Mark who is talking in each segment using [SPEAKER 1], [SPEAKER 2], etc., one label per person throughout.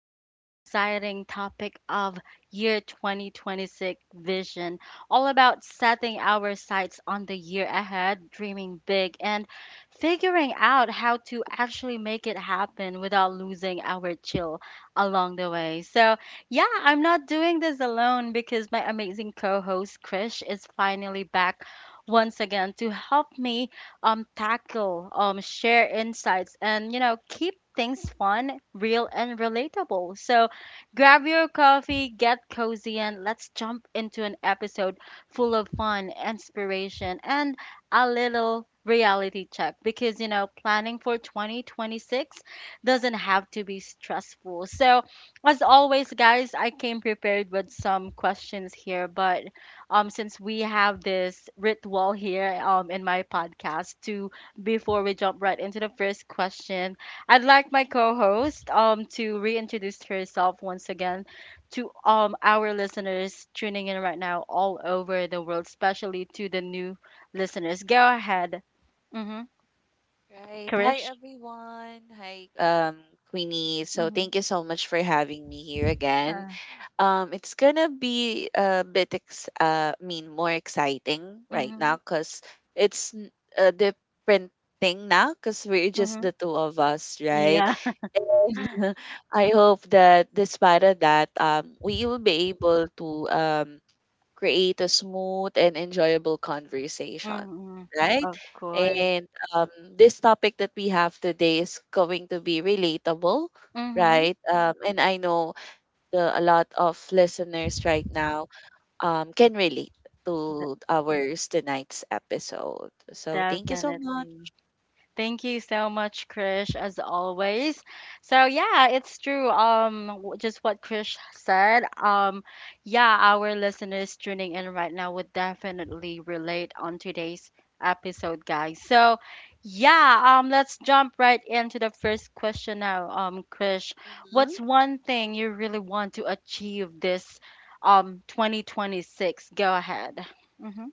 [SPEAKER 1] into the exciting topic of year 2026 vision, all about setting our sights on the year ahead, dreaming big, and figuring out how to actually make it happen without losing our chill along the way. So, yeah, I'm not doing this alone because my amazing co host Krish is finally back once again to help me share insights, and keep things fun, real, and relatable. So grab your coffee, get cozy, and let's jump into an episode full of fun, inspiration, and a little reality check, because planning for 2026 doesn't have to be stressful. So, as always, guys, I came prepared with some questions here, but since we have this ritual here, in my podcast, to before we jump right into the first question, I'd like my co-host, to reintroduce herself once again to, our listeners tuning in right now all over the world, especially to the new listeners. Go ahead. Mm-hmm.
[SPEAKER 2] Right. Hi,
[SPEAKER 1] Krish.
[SPEAKER 2] everyone. Hi, Queenie. So
[SPEAKER 1] Mm-hmm.
[SPEAKER 2] thank you so much for having me here again.
[SPEAKER 1] Uh,
[SPEAKER 2] It's gonna be a bit, more exciting right
[SPEAKER 1] Mm-hmm.
[SPEAKER 2] now because it's n- a different thing now because we're just
[SPEAKER 1] Mm-hmm.
[SPEAKER 2] the two of us, right?
[SPEAKER 1] Yeah.
[SPEAKER 2] I hope that despite of that, we will be able to create a smooth and enjoyable conversation,
[SPEAKER 1] Mm-hmm.
[SPEAKER 2] right?
[SPEAKER 1] Of course.
[SPEAKER 2] And this topic that we have today is going to be relatable,
[SPEAKER 1] Mm-hmm.
[SPEAKER 2] right? And I know the a lot of listeners right now can relate
[SPEAKER 1] D-
[SPEAKER 2] to ours tonight's episode. So thank you so much.
[SPEAKER 1] definitely. Thank you so much, Krish, as always. So yeah, it's true. Just what Krish said. Yeah, our listeners tuning in right now would definitely relate on today's episode, guys. So yeah, let's jump right into the first question now. Krish,
[SPEAKER 2] Mm-hmm.
[SPEAKER 1] what's one thing you really want to achieve this 2026? Go ahead. Mhm.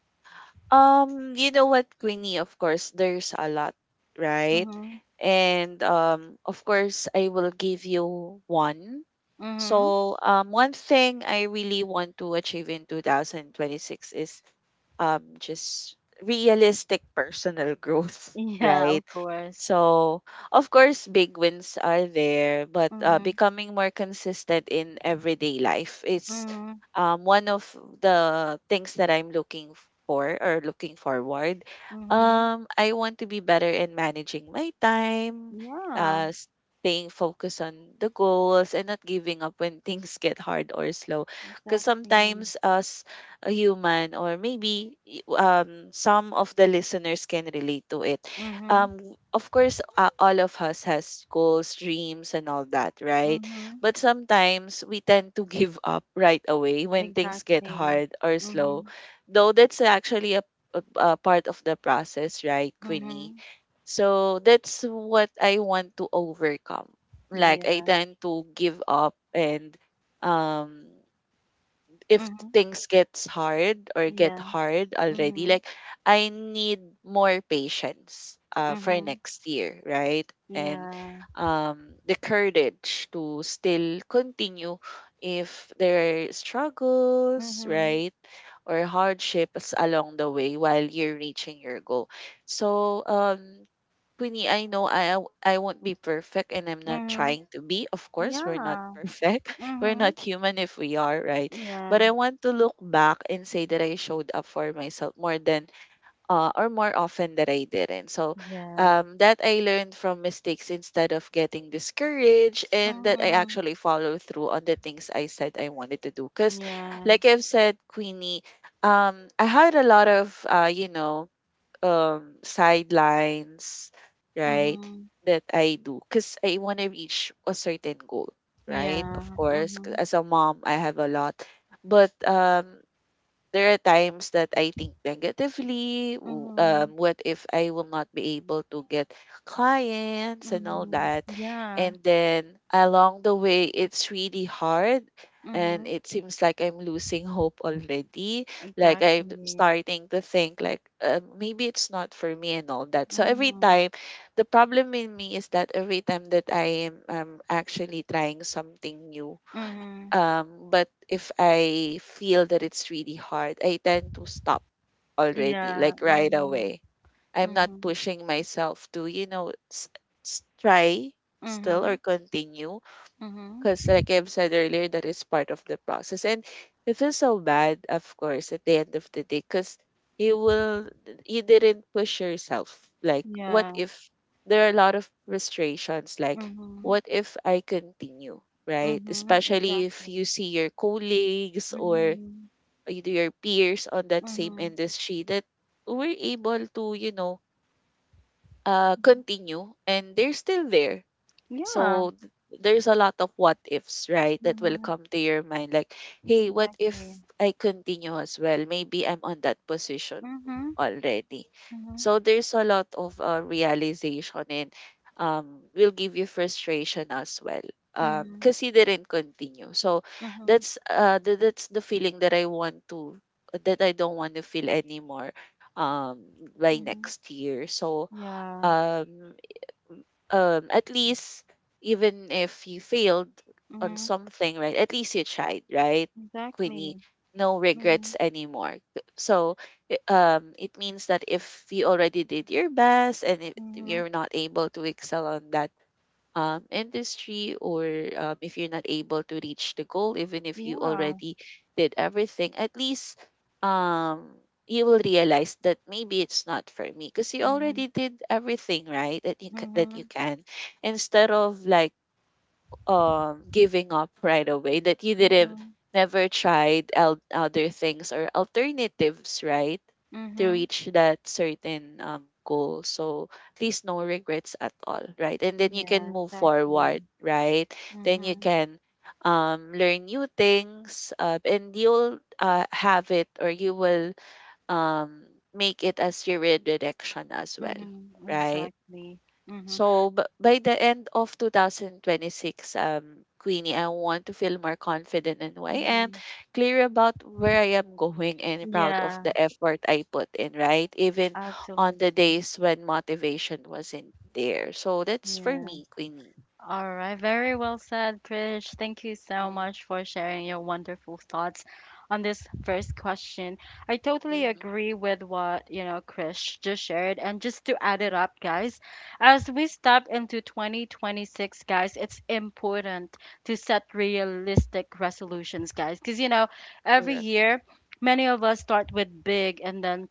[SPEAKER 2] You know what, Queenie, of course, there's a lot, right?
[SPEAKER 1] Mhm.
[SPEAKER 2] And of course, I will give you one.
[SPEAKER 1] Mhm.
[SPEAKER 2] So, one thing I really want to achieve in 2026 is just realistic personal growth,
[SPEAKER 1] Yeah,
[SPEAKER 2] right?
[SPEAKER 1] of course.
[SPEAKER 2] So, of course, big wins are there, but
[SPEAKER 1] Mm-hmm.
[SPEAKER 2] becoming more consistent in everyday life is
[SPEAKER 1] Mhm,
[SPEAKER 2] one of the things that I'm looking for or looking forward.
[SPEAKER 1] mhm.
[SPEAKER 2] I want to be better in managing my time,
[SPEAKER 1] Yeah,
[SPEAKER 2] uh, staying focused on the goals, and not giving up when things get hard or slow. Because
[SPEAKER 1] exactly.
[SPEAKER 2] sometimes, a human or maybe some of the listeners can relate to it,
[SPEAKER 1] Mhm,
[SPEAKER 2] um, of course, all of us has goals, dreams, and all that, right?
[SPEAKER 1] mhm.
[SPEAKER 2] But sometimes we tend to give up right away when things get
[SPEAKER 1] Exactly.
[SPEAKER 2] hard or slow,
[SPEAKER 1] Mhm,
[SPEAKER 2] though that's actually a part of the process, right, Queenie?
[SPEAKER 1] mhm.
[SPEAKER 2] So that's what I want to overcome. Like, I
[SPEAKER 1] Yeah.
[SPEAKER 2] tend to give up, and um if
[SPEAKER 1] Mhm.
[SPEAKER 2] things gets hard or get
[SPEAKER 1] Yeah.
[SPEAKER 2] hard already,
[SPEAKER 1] Mhm,
[SPEAKER 2] like, I need more patience, for
[SPEAKER 1] mhm.
[SPEAKER 2] next year, right, and
[SPEAKER 1] Yeah.
[SPEAKER 2] the courage to still continue if there are struggles,
[SPEAKER 1] Mhm,
[SPEAKER 2] right, or hardships along the way while you're reaching your goal. So, Queenie, I know I won't be perfect, and I'm not
[SPEAKER 1] mhm.
[SPEAKER 2] trying to be. Of course, we're not
[SPEAKER 1] Yeah.
[SPEAKER 2] perfect. We're
[SPEAKER 1] Mhm.
[SPEAKER 2] not human if we are, right? But
[SPEAKER 1] Yeah.
[SPEAKER 2] I want to look back and say that I showed up for myself more than or more often that I didn't. So,
[SPEAKER 1] Yeah.
[SPEAKER 2] that I learned from mistakes instead of getting discouraged, and that I
[SPEAKER 1] Mhm.
[SPEAKER 2] actually follow through on the things I said I wanted to do. Cause
[SPEAKER 1] Yeah.
[SPEAKER 2] like I've said, Queenie, I had a lot of sidelines, right?
[SPEAKER 1] Mhm.
[SPEAKER 2] That I do because I want to reach a certain goal, right? Of
[SPEAKER 1] Yeah.
[SPEAKER 2] course, 'cause
[SPEAKER 1] Mhm.
[SPEAKER 2] as a mom, I have a lot, but there are times that I think negatively.
[SPEAKER 1] Mhm.
[SPEAKER 2] What if I will not be able to get clients and all
[SPEAKER 1] Mhm.
[SPEAKER 2] that?
[SPEAKER 1] Yeah.
[SPEAKER 2] And then along the way, it's really hard. And
[SPEAKER 1] Mhm.
[SPEAKER 2] it seems like I'm losing hope already. Like, I'm
[SPEAKER 1] Exactly.
[SPEAKER 2] starting to think like, maybe it's not for me and all that. So every
[SPEAKER 1] Mhm.
[SPEAKER 2] time, the problem in me is that every time that I am, actually trying something new,
[SPEAKER 1] Mhm.
[SPEAKER 2] but if I feel that it's really hard, I tend to stop already,
[SPEAKER 1] Yeah.
[SPEAKER 2] like, right
[SPEAKER 1] Mhm.
[SPEAKER 2] away. I'm not
[SPEAKER 1] Mhm.
[SPEAKER 2] pushing myself to, you know, try still or
[SPEAKER 1] Mhm.
[SPEAKER 2] continue
[SPEAKER 1] Mhm.
[SPEAKER 2] because, like I've said earlier, that is part of the process. And it feels so bad, of course, at the end of the day, because you will, you didn't push yourself. Like, what
[SPEAKER 1] Yeah.
[SPEAKER 2] if there are a lot of frustrations? Like,
[SPEAKER 1] Mhm.
[SPEAKER 2] what if I continue, right?
[SPEAKER 1] Mhm.
[SPEAKER 2] Especially if you
[SPEAKER 1] Exactly.
[SPEAKER 2] see your colleagues or
[SPEAKER 1] Mhm.
[SPEAKER 2] your peers on that same
[SPEAKER 1] Mhm.
[SPEAKER 2] industry that were able to, you know,
[SPEAKER 1] Mhm.
[SPEAKER 2] continue, and they're still there,
[SPEAKER 1] Yeah.
[SPEAKER 2] so there's a lot of what ifs, right? That will
[SPEAKER 1] Mhm.
[SPEAKER 2] come to your mind, like, hey, what if
[SPEAKER 1] Exactly.
[SPEAKER 2] I continue as well? Maybe I'm on that position too
[SPEAKER 1] Mhm.
[SPEAKER 2] already.
[SPEAKER 1] Mhm.
[SPEAKER 2] So there's a lot of realization, and will give you frustration as well,
[SPEAKER 1] Mhm.
[SPEAKER 2] because he didn't continue. So
[SPEAKER 1] Mhm.
[SPEAKER 2] that's the feeling that I want to that I don't want to feel anymore, um, by
[SPEAKER 1] Mhm.
[SPEAKER 2] next year. So
[SPEAKER 1] Yeah.
[SPEAKER 2] um at least even if you failed on
[SPEAKER 1] Mhm.
[SPEAKER 2] something, right, at least you tried, right, Queenie?
[SPEAKER 1] Exactly.
[SPEAKER 2] No regrets
[SPEAKER 1] Mhm.
[SPEAKER 2] anymore. So, it means that if you already did your best, and if
[SPEAKER 1] Mhm.
[SPEAKER 2] you're not able to excel on that, industry, or if you're not able to reach the goal, even if you
[SPEAKER 1] Yeah.
[SPEAKER 2] already did everything, at least, um, you will realize that maybe it's not for me because you
[SPEAKER 1] Mhm.
[SPEAKER 2] already did everything right that that you
[SPEAKER 1] Mhm.
[SPEAKER 2] can, instead of, like, giving up right away, that you didn't
[SPEAKER 1] Mhm.
[SPEAKER 2] never tried other things or alternatives, right, to
[SPEAKER 1] Mhm.
[SPEAKER 2] reach that certain goal. So please, no regrets at all, right? And then you can
[SPEAKER 1] Yeah.
[SPEAKER 2] move
[SPEAKER 1] Exactly.
[SPEAKER 2] forward, right? Then you
[SPEAKER 1] Mhm.
[SPEAKER 2] can learn new things, and you'll have it, or you will um make it as your redirection as well,
[SPEAKER 1] Mhm.
[SPEAKER 2] right?
[SPEAKER 1] Exactly. Mhm.
[SPEAKER 2] So, by the end of 2026, Queenie, I want to feel more confident in who I am,
[SPEAKER 1] Mhm.
[SPEAKER 2] clear about where I am going, and proud of
[SPEAKER 1] Yeah.
[SPEAKER 2] the effort I put in, right? Even on the
[SPEAKER 1] Absolutely.
[SPEAKER 2] days when motivation wasn't there. So, that's for
[SPEAKER 1] Yeah.
[SPEAKER 2] me, Queenie.
[SPEAKER 1] All right. Very well said, Prish. Thank you so
[SPEAKER 2] Mm-hmm.
[SPEAKER 1] much for sharing your wonderful thoughts on this first question. I totally
[SPEAKER 2] Mm-hmm.
[SPEAKER 1] agree with what Krish just shared. And just to add it up, guys, as we step into 2026, guys, it's important to set realistic resolutions, guys, because every
[SPEAKER 2] Correct.
[SPEAKER 1] year, many of us start with big and then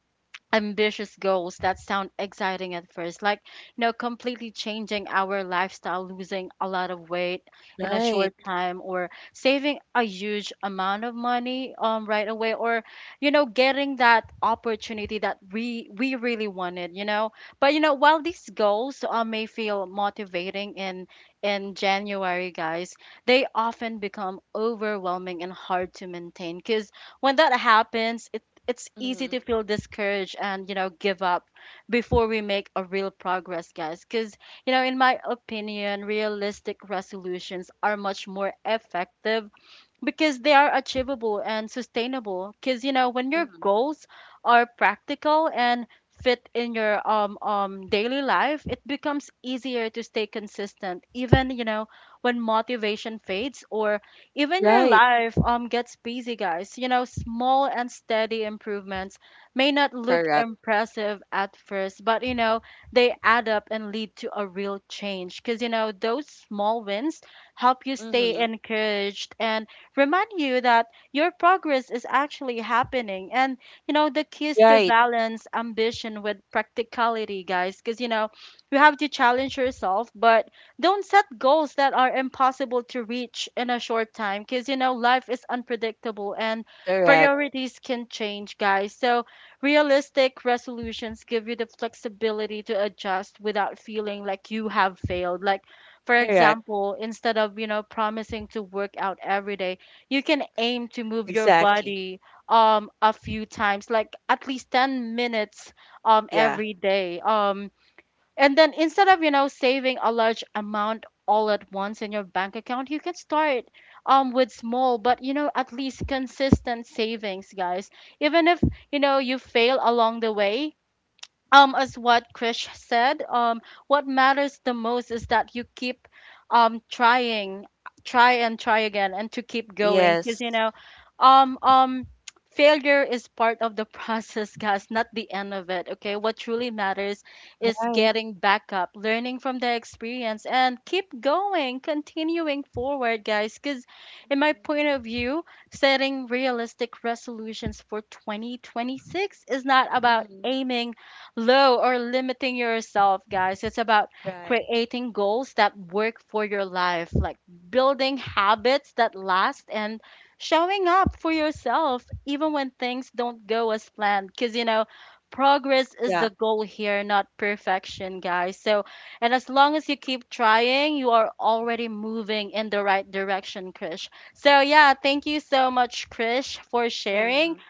[SPEAKER 1] ambitious goals that sound exciting at first, like completely changing our lifestyle, losing a lot of weight in a
[SPEAKER 2] Right.
[SPEAKER 1] short time, or saving a huge amount of money right away, or getting that opportunity that we really wanted. But while these goals may feel motivating in January, guys, they often become overwhelming and hard to maintain. Cuz when that happens, it's easy
[SPEAKER 2] Mm-hmm.
[SPEAKER 1] to feel discouraged and give up before we make a real progress, guys, because in my opinion, realistic resolutions are much more effective, because they are achievable and sustainable, because when your
[SPEAKER 2] Mm-hmm.
[SPEAKER 1] goals are practical and fit in your daily life, it becomes easier to stay consistent, even when motivation fades, or even your
[SPEAKER 2] Right.
[SPEAKER 1] life gets busy, guys. Small and steady improvements may not look
[SPEAKER 2] Correct.
[SPEAKER 1] impressive at first, but they add up and lead to a real change, because those small wins help you stay
[SPEAKER 2] Mm-hmm.
[SPEAKER 1] encouraged and remind you that your progress is actually happening. And, the key is to
[SPEAKER 2] Right.
[SPEAKER 1] balance ambition with practicality, guys, because, you have to challenge yourself, but don't set goals that are impossible to reach in a short time, because, life is unpredictable and
[SPEAKER 2] Correct.
[SPEAKER 1] priorities can change, guys. So, realistic resolutions give you the flexibility to adjust without feeling like you have failed. Like, for
[SPEAKER 2] Correct.
[SPEAKER 1] example, instead of, promising to work out every day, you can aim to move your
[SPEAKER 2] Exactly.
[SPEAKER 1] body a few times, like at least 10 minutes
[SPEAKER 2] Yeah.
[SPEAKER 1] every day, and then instead of saving a large amount all at once in your bank account, you can start with small but at least consistent savings, guys. Even if you fail along the way, as what Krish said, what matters the most is that you keep trying, try and try again, and to keep going, because
[SPEAKER 2] Yes.
[SPEAKER 1] um um failure is part of the process, guys, not the end of it. Okay, what truly matters is
[SPEAKER 2] Right.
[SPEAKER 1] getting back up, learning from the experience, and keep going, continuing forward, guys, because in my
[SPEAKER 2] Mm-hmm.
[SPEAKER 1] point of view, setting realistic resolutions for 2026 is not about
[SPEAKER 2] Mm-hmm.
[SPEAKER 1] aiming low or limiting yourself, guys. It's about
[SPEAKER 2] Right.
[SPEAKER 1] creating goals that work for your life, like building habits that last and showing up for yourself even when things don't go as planned. Because, progress is
[SPEAKER 2] Yeah.
[SPEAKER 1] the goal here, not perfection, guys. And as long as you keep trying, you are already moving in the right direction, Krish. So, yeah, thank you so much, Krish, for sharing.
[SPEAKER 2] hmm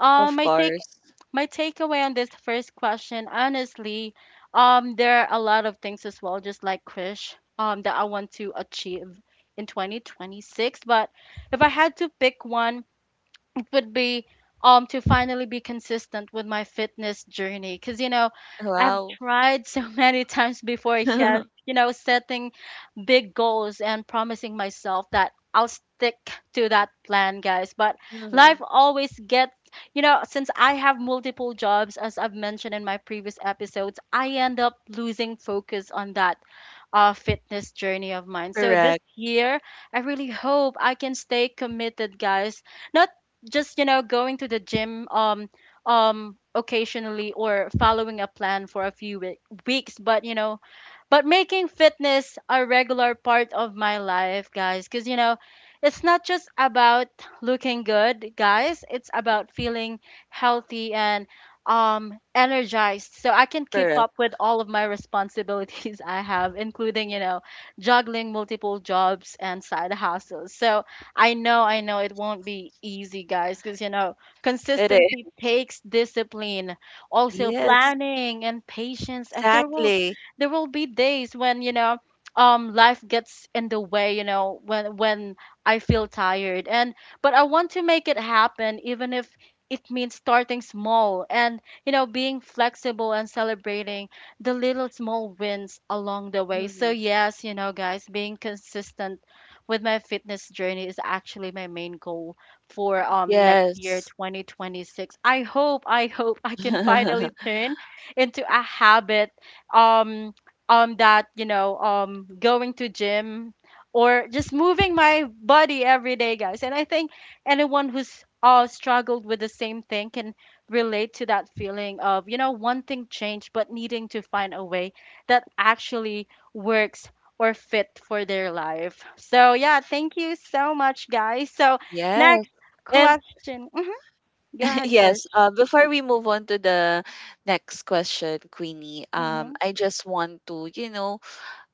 [SPEAKER 1] Um,
[SPEAKER 2] Of
[SPEAKER 1] my take
[SPEAKER 2] course.
[SPEAKER 1] my takeaway on this first question, honestly, there are a lot of things as well, just like Krish, that I want to achieve in 2026. But if I had to pick one, it would be to finally be consistent with my fitness journey, because I've
[SPEAKER 2] Wow.
[SPEAKER 1] tried so many times before, yes, setting big goals and promising myself that I'll stick to that plan, guys, but
[SPEAKER 2] hmm
[SPEAKER 1] life always gets, since I have multiple jobs as I've mentioned in my previous episodes, I end up losing focus on that fitness journey of mine. So this
[SPEAKER 2] Correct.
[SPEAKER 1] year, I really hope I can stay committed, guys. Not just going to the gym, occasionally, or following a plan for a few weeks, but but making fitness a regular part of my life, guys, because it's not just about looking good, guys. It's about feeling healthy and energized, so I can keep
[SPEAKER 2] Correct.
[SPEAKER 1] up with all of my responsibilities I have, including, juggling multiple jobs and side hustles. So I know it won't be easy, guys, because
[SPEAKER 2] It
[SPEAKER 1] consistency
[SPEAKER 2] is.
[SPEAKER 1] takes discipline, also
[SPEAKER 2] Yes.
[SPEAKER 1] planning and patience, and
[SPEAKER 2] Exactly.
[SPEAKER 1] there will be days when life gets in the way, when I feel tired, and but I want to make it happen, even if it means starting small, and being flexible, and celebrating the little small wins along the way. So
[SPEAKER 2] hmm
[SPEAKER 1] yes, guys, being consistent with my fitness journey is actually my main goal for next year
[SPEAKER 2] Yes.
[SPEAKER 1] 2026. I hope I can finally turn into a habit, um that going to gym or just moving my body every day, guys. And I think anyone who's struggled with the same thing can relate to that feeling of wanting change but needing to find a way that actually works or fit for their life. So yeah, thank you so much, guys. So,
[SPEAKER 2] Yes.
[SPEAKER 1] next
[SPEAKER 2] And
[SPEAKER 1] question. Hmm. Go ahead, Chris.
[SPEAKER 2] yes, before we move on to the next question, Queenie,
[SPEAKER 1] Hmm.
[SPEAKER 2] I just want to, you know,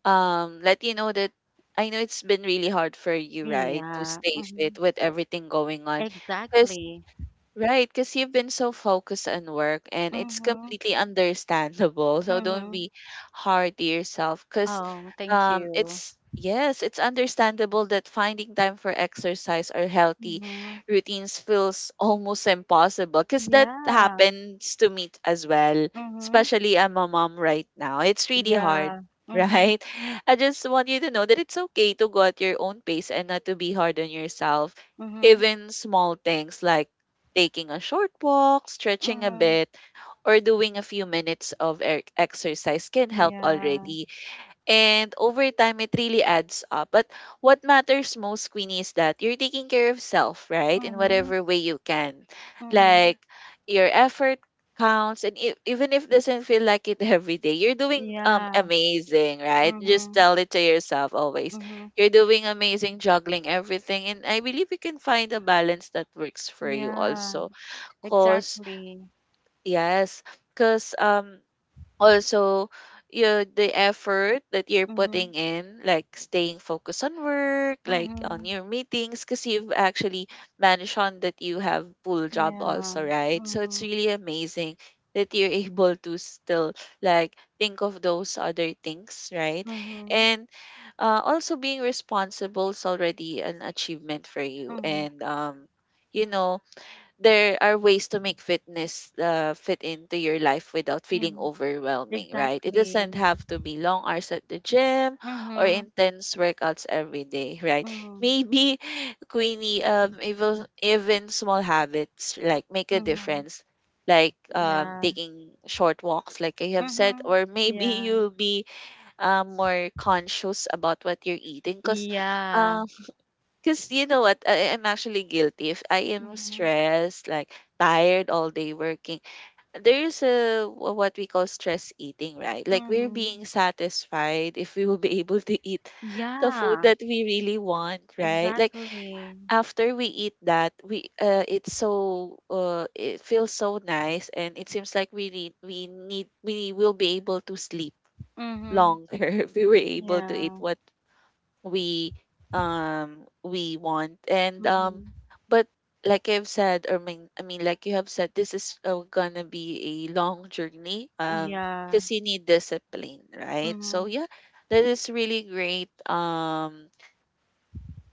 [SPEAKER 2] let you know that I know it's been really hard for you, right, to
[SPEAKER 1] Yeah,
[SPEAKER 2] stay fit with everything going on.
[SPEAKER 1] exactly.
[SPEAKER 2] Right, because you've been so focused on work, and it's completely understandable. So don't
[SPEAKER 1] Mhm.
[SPEAKER 2] be hard to yourself because,
[SPEAKER 1] Oh, thank you.
[SPEAKER 2] yes, it's understandable that finding time for exercise or healthy
[SPEAKER 1] Mhm.
[SPEAKER 2] routines feels almost impossible because that
[SPEAKER 1] Yeah.
[SPEAKER 2] happens to me as well,
[SPEAKER 1] Mhm.
[SPEAKER 2] especially I'm a mom right now. It's really hard.
[SPEAKER 1] Yeah. Mhm.
[SPEAKER 2] Right? I just want you to know that it's okay to go at your own pace and not to be hard on yourself.
[SPEAKER 1] Mhm.
[SPEAKER 2] Even small things like taking a short walk, stretching a
[SPEAKER 1] Mhm.
[SPEAKER 2] bit, or doing a few minutes of exercise can help
[SPEAKER 1] Yeah.
[SPEAKER 2] already. And over time, it really adds up. But what matters most, Queenie, is that you're taking care of self, right? In
[SPEAKER 1] Mhm.
[SPEAKER 2] whatever way you can.
[SPEAKER 1] Mhm.
[SPEAKER 2] Like, your effort counts. And even if it doesn't feel like it every day, you're doing
[SPEAKER 1] Yeah.
[SPEAKER 2] amazing, right? Just
[SPEAKER 1] Mhm.
[SPEAKER 2] tell it to yourself always.
[SPEAKER 1] Mhm.
[SPEAKER 2] You're doing amazing, juggling everything. And I believe you can find a balance that works for you
[SPEAKER 1] Yeah.
[SPEAKER 2] also. Cause,
[SPEAKER 1] Exactly.
[SPEAKER 2] yes. Cause also, you the effort that you're putting
[SPEAKER 1] Mhm.
[SPEAKER 2] in, like, staying focused on work, like on
[SPEAKER 1] Mhm.
[SPEAKER 2] your meetings, because you've actually mentioned that you have full job also,
[SPEAKER 1] Yeah.
[SPEAKER 2] right? So it's
[SPEAKER 1] Mhm.
[SPEAKER 2] really amazing that you're able to still, like, think of those other things, right?
[SPEAKER 1] Mhm.
[SPEAKER 2] And also being responsible is already an achievement for you,
[SPEAKER 1] Mhm.
[SPEAKER 2] and you know, there are ways to make fitness fit into your life without feeling
[SPEAKER 1] Mhm.
[SPEAKER 2] overwhelming, right? It doesn't
[SPEAKER 1] Exactly.
[SPEAKER 2] have to be long hours at the gym or
[SPEAKER 1] Mhm.
[SPEAKER 2] intense workouts every day, right?
[SPEAKER 1] Mhm.
[SPEAKER 2] Maybe, Queenie, even small habits like make a
[SPEAKER 1] Mhm.
[SPEAKER 2] difference, like,
[SPEAKER 1] Yeah.
[SPEAKER 2] taking short walks, like I have said,
[SPEAKER 1] Mhm.
[SPEAKER 2] or maybe
[SPEAKER 1] Yeah.
[SPEAKER 2] you'll be, more conscious about what you're eating, because
[SPEAKER 1] Yeah.
[SPEAKER 2] because you know what? I am actually guilty. If I am
[SPEAKER 1] Mhm.
[SPEAKER 2] stressed, like tired all day working, there's a what we call stress eating, right? Like, we're being
[SPEAKER 1] Mhm.
[SPEAKER 2] satisfied if we will be able to eat the food
[SPEAKER 1] Yeah,
[SPEAKER 2] that we really want, right? Like
[SPEAKER 1] exactly.
[SPEAKER 2] after we eat that, we it's so, it feels so nice, and it seems like we will be able to sleep
[SPEAKER 1] Mm-hmm.
[SPEAKER 2] longer if we were able to eat
[SPEAKER 1] Yeah.
[SPEAKER 2] what we we want, and
[SPEAKER 1] Mm-hmm.
[SPEAKER 2] but like I've said or mean I mean like you have said, this is, gonna be a long journey,
[SPEAKER 1] Yeah.
[SPEAKER 2] because you need discipline, right? So
[SPEAKER 1] Mm-hmm.
[SPEAKER 2] yeah, that is really great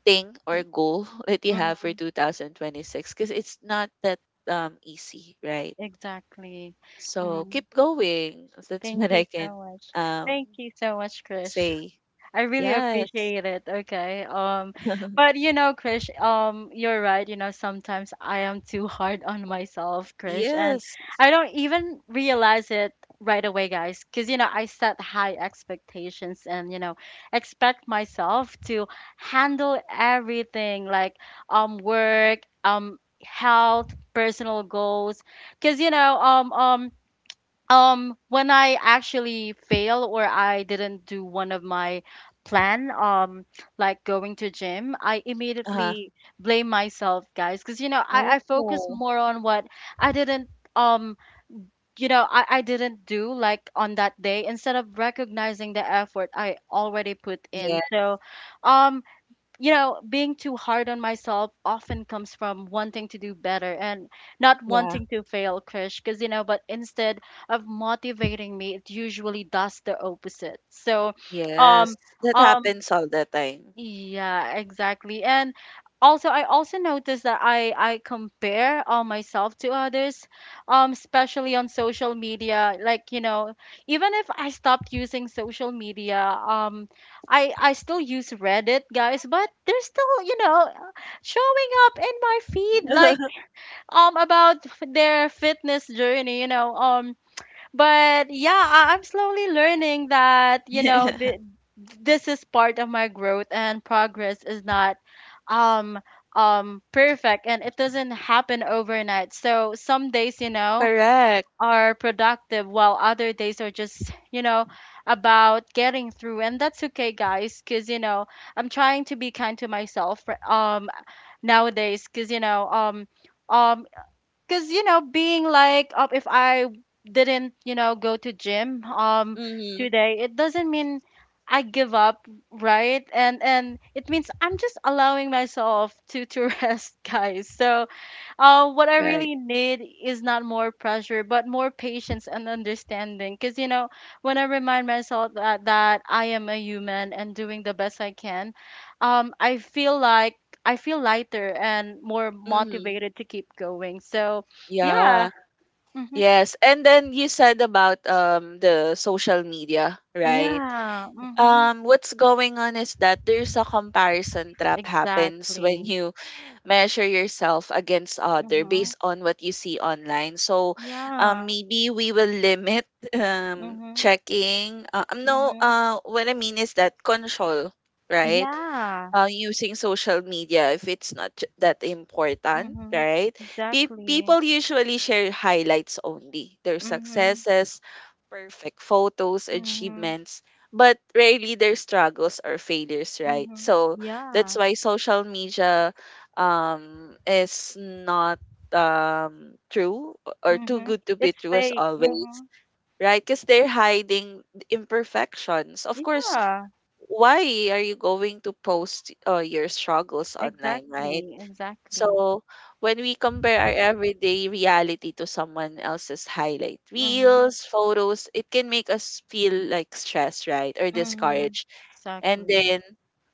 [SPEAKER 2] thing or
[SPEAKER 1] Thank,
[SPEAKER 2] goal that you have for
[SPEAKER 1] mm-hmm.
[SPEAKER 2] 2026 because it's not that easy, right?
[SPEAKER 1] Exactly.
[SPEAKER 2] So
[SPEAKER 1] Mm-hmm.
[SPEAKER 2] keep going. That's
[SPEAKER 1] Thank
[SPEAKER 2] what I
[SPEAKER 1] you
[SPEAKER 2] can
[SPEAKER 1] so much.
[SPEAKER 2] um
[SPEAKER 1] Thank you so much, Krish.
[SPEAKER 2] say.
[SPEAKER 1] I really
[SPEAKER 2] Yes.
[SPEAKER 1] appreciate it. Okay. But Krish, you're right. Sometimes I am too hard on myself, Krish, and
[SPEAKER 2] Yes.
[SPEAKER 1] I don't even realize it right away, guys, because I set high expectations, and expect myself to handle everything like work, health, personal goals, because when I actually fail or I didn't do one of my plan, like going to gym, I
[SPEAKER 2] Uh-huh.
[SPEAKER 1] immediately blame myself, guys, because you know
[SPEAKER 2] No.
[SPEAKER 1] I, I focus more on what I didn't um you know I didn't do, like on that day, instead of recognizing the effort I already put in.
[SPEAKER 2] Yeah,
[SPEAKER 1] So um being too hard on myself often comes from wanting to do better and not
[SPEAKER 2] yeah.
[SPEAKER 1] wanting to fail, Krish, but instead of motivating me, it usually does the opposite. So, um,
[SPEAKER 2] Yes. That
[SPEAKER 1] um,
[SPEAKER 2] happens all the time.
[SPEAKER 1] yeah, exactly. And also, I also noticed that I compare myself to others, especially on social media. Like, even if I stopped using social media, I still use Reddit, guys, but they're still, showing up in my feed, like about their fitness journey. But yeah, I'm slowly learning that you know, this is part of my growth, and progress is not um perfect and it doesn't happen overnight. So some days, you know,
[SPEAKER 2] Correct.
[SPEAKER 1] are productive, while other days are just, you know, about getting through, and that's okay, guys, cuz you know, I'm trying to be kind to myself nowadays, cuz you know, um because you know, being like, oh, if I didn't, you know, go to gym
[SPEAKER 2] Mm-hmm.
[SPEAKER 1] today, it doesn't mean I give up, right, and it means I'm just allowing myself to rest, guys. So what I
[SPEAKER 2] Right.
[SPEAKER 1] really need is not more pressure, but more patience and understanding. Because, you know, when I remind myself that I am a human and doing the best I can, um, I feel like I feel lighter and more
[SPEAKER 2] Mm-hmm.
[SPEAKER 1] motivated to keep going. So, yeah.
[SPEAKER 2] Yeah.
[SPEAKER 1] Mm-hmm.
[SPEAKER 2] Yes. And then you said about the social media, right?
[SPEAKER 1] Yeah. Mm-hmm.
[SPEAKER 2] What's going on is that there's a comparison trap happens when
[SPEAKER 1] Exactly.
[SPEAKER 2] you measure yourself against other
[SPEAKER 1] Mm-hmm.
[SPEAKER 2] based on what you see online. So,
[SPEAKER 1] Yeah.
[SPEAKER 2] maybe we will limit
[SPEAKER 1] Mm-hmm.
[SPEAKER 2] checking. No,
[SPEAKER 1] Mm-hmm.
[SPEAKER 2] what I mean is that control, right?
[SPEAKER 1] Yeah.
[SPEAKER 2] Using social media if it's not that important,
[SPEAKER 1] Mm-hmm.
[SPEAKER 2] right?
[SPEAKER 1] Exactly.
[SPEAKER 2] People usually share highlights only, their
[SPEAKER 1] Mm-hmm.
[SPEAKER 2] successes, perfect photos,
[SPEAKER 1] Mm-hmm.
[SPEAKER 2] achievements, but rarely their struggles or failures, right?
[SPEAKER 1] Mhm.
[SPEAKER 2] So that's
[SPEAKER 1] Yeah.
[SPEAKER 2] why social media is not true or too
[SPEAKER 1] Mhm.
[SPEAKER 2] good to be
[SPEAKER 1] It's
[SPEAKER 2] true as
[SPEAKER 1] fake.
[SPEAKER 2] always.
[SPEAKER 1] Mhm.
[SPEAKER 2] Right, because they're hiding imperfections. Of course,
[SPEAKER 1] Yeah.
[SPEAKER 2] why are you going to post your struggles online, right?
[SPEAKER 1] Exactly. Exactly.
[SPEAKER 2] So when we compare our everyday reality to someone else's highlight
[SPEAKER 1] Mhm.
[SPEAKER 2] reels, photos, it can make us feel like stressed, right? Or
[SPEAKER 1] Mhm.
[SPEAKER 2] discouraged, and
[SPEAKER 1] Exactly.
[SPEAKER 2] then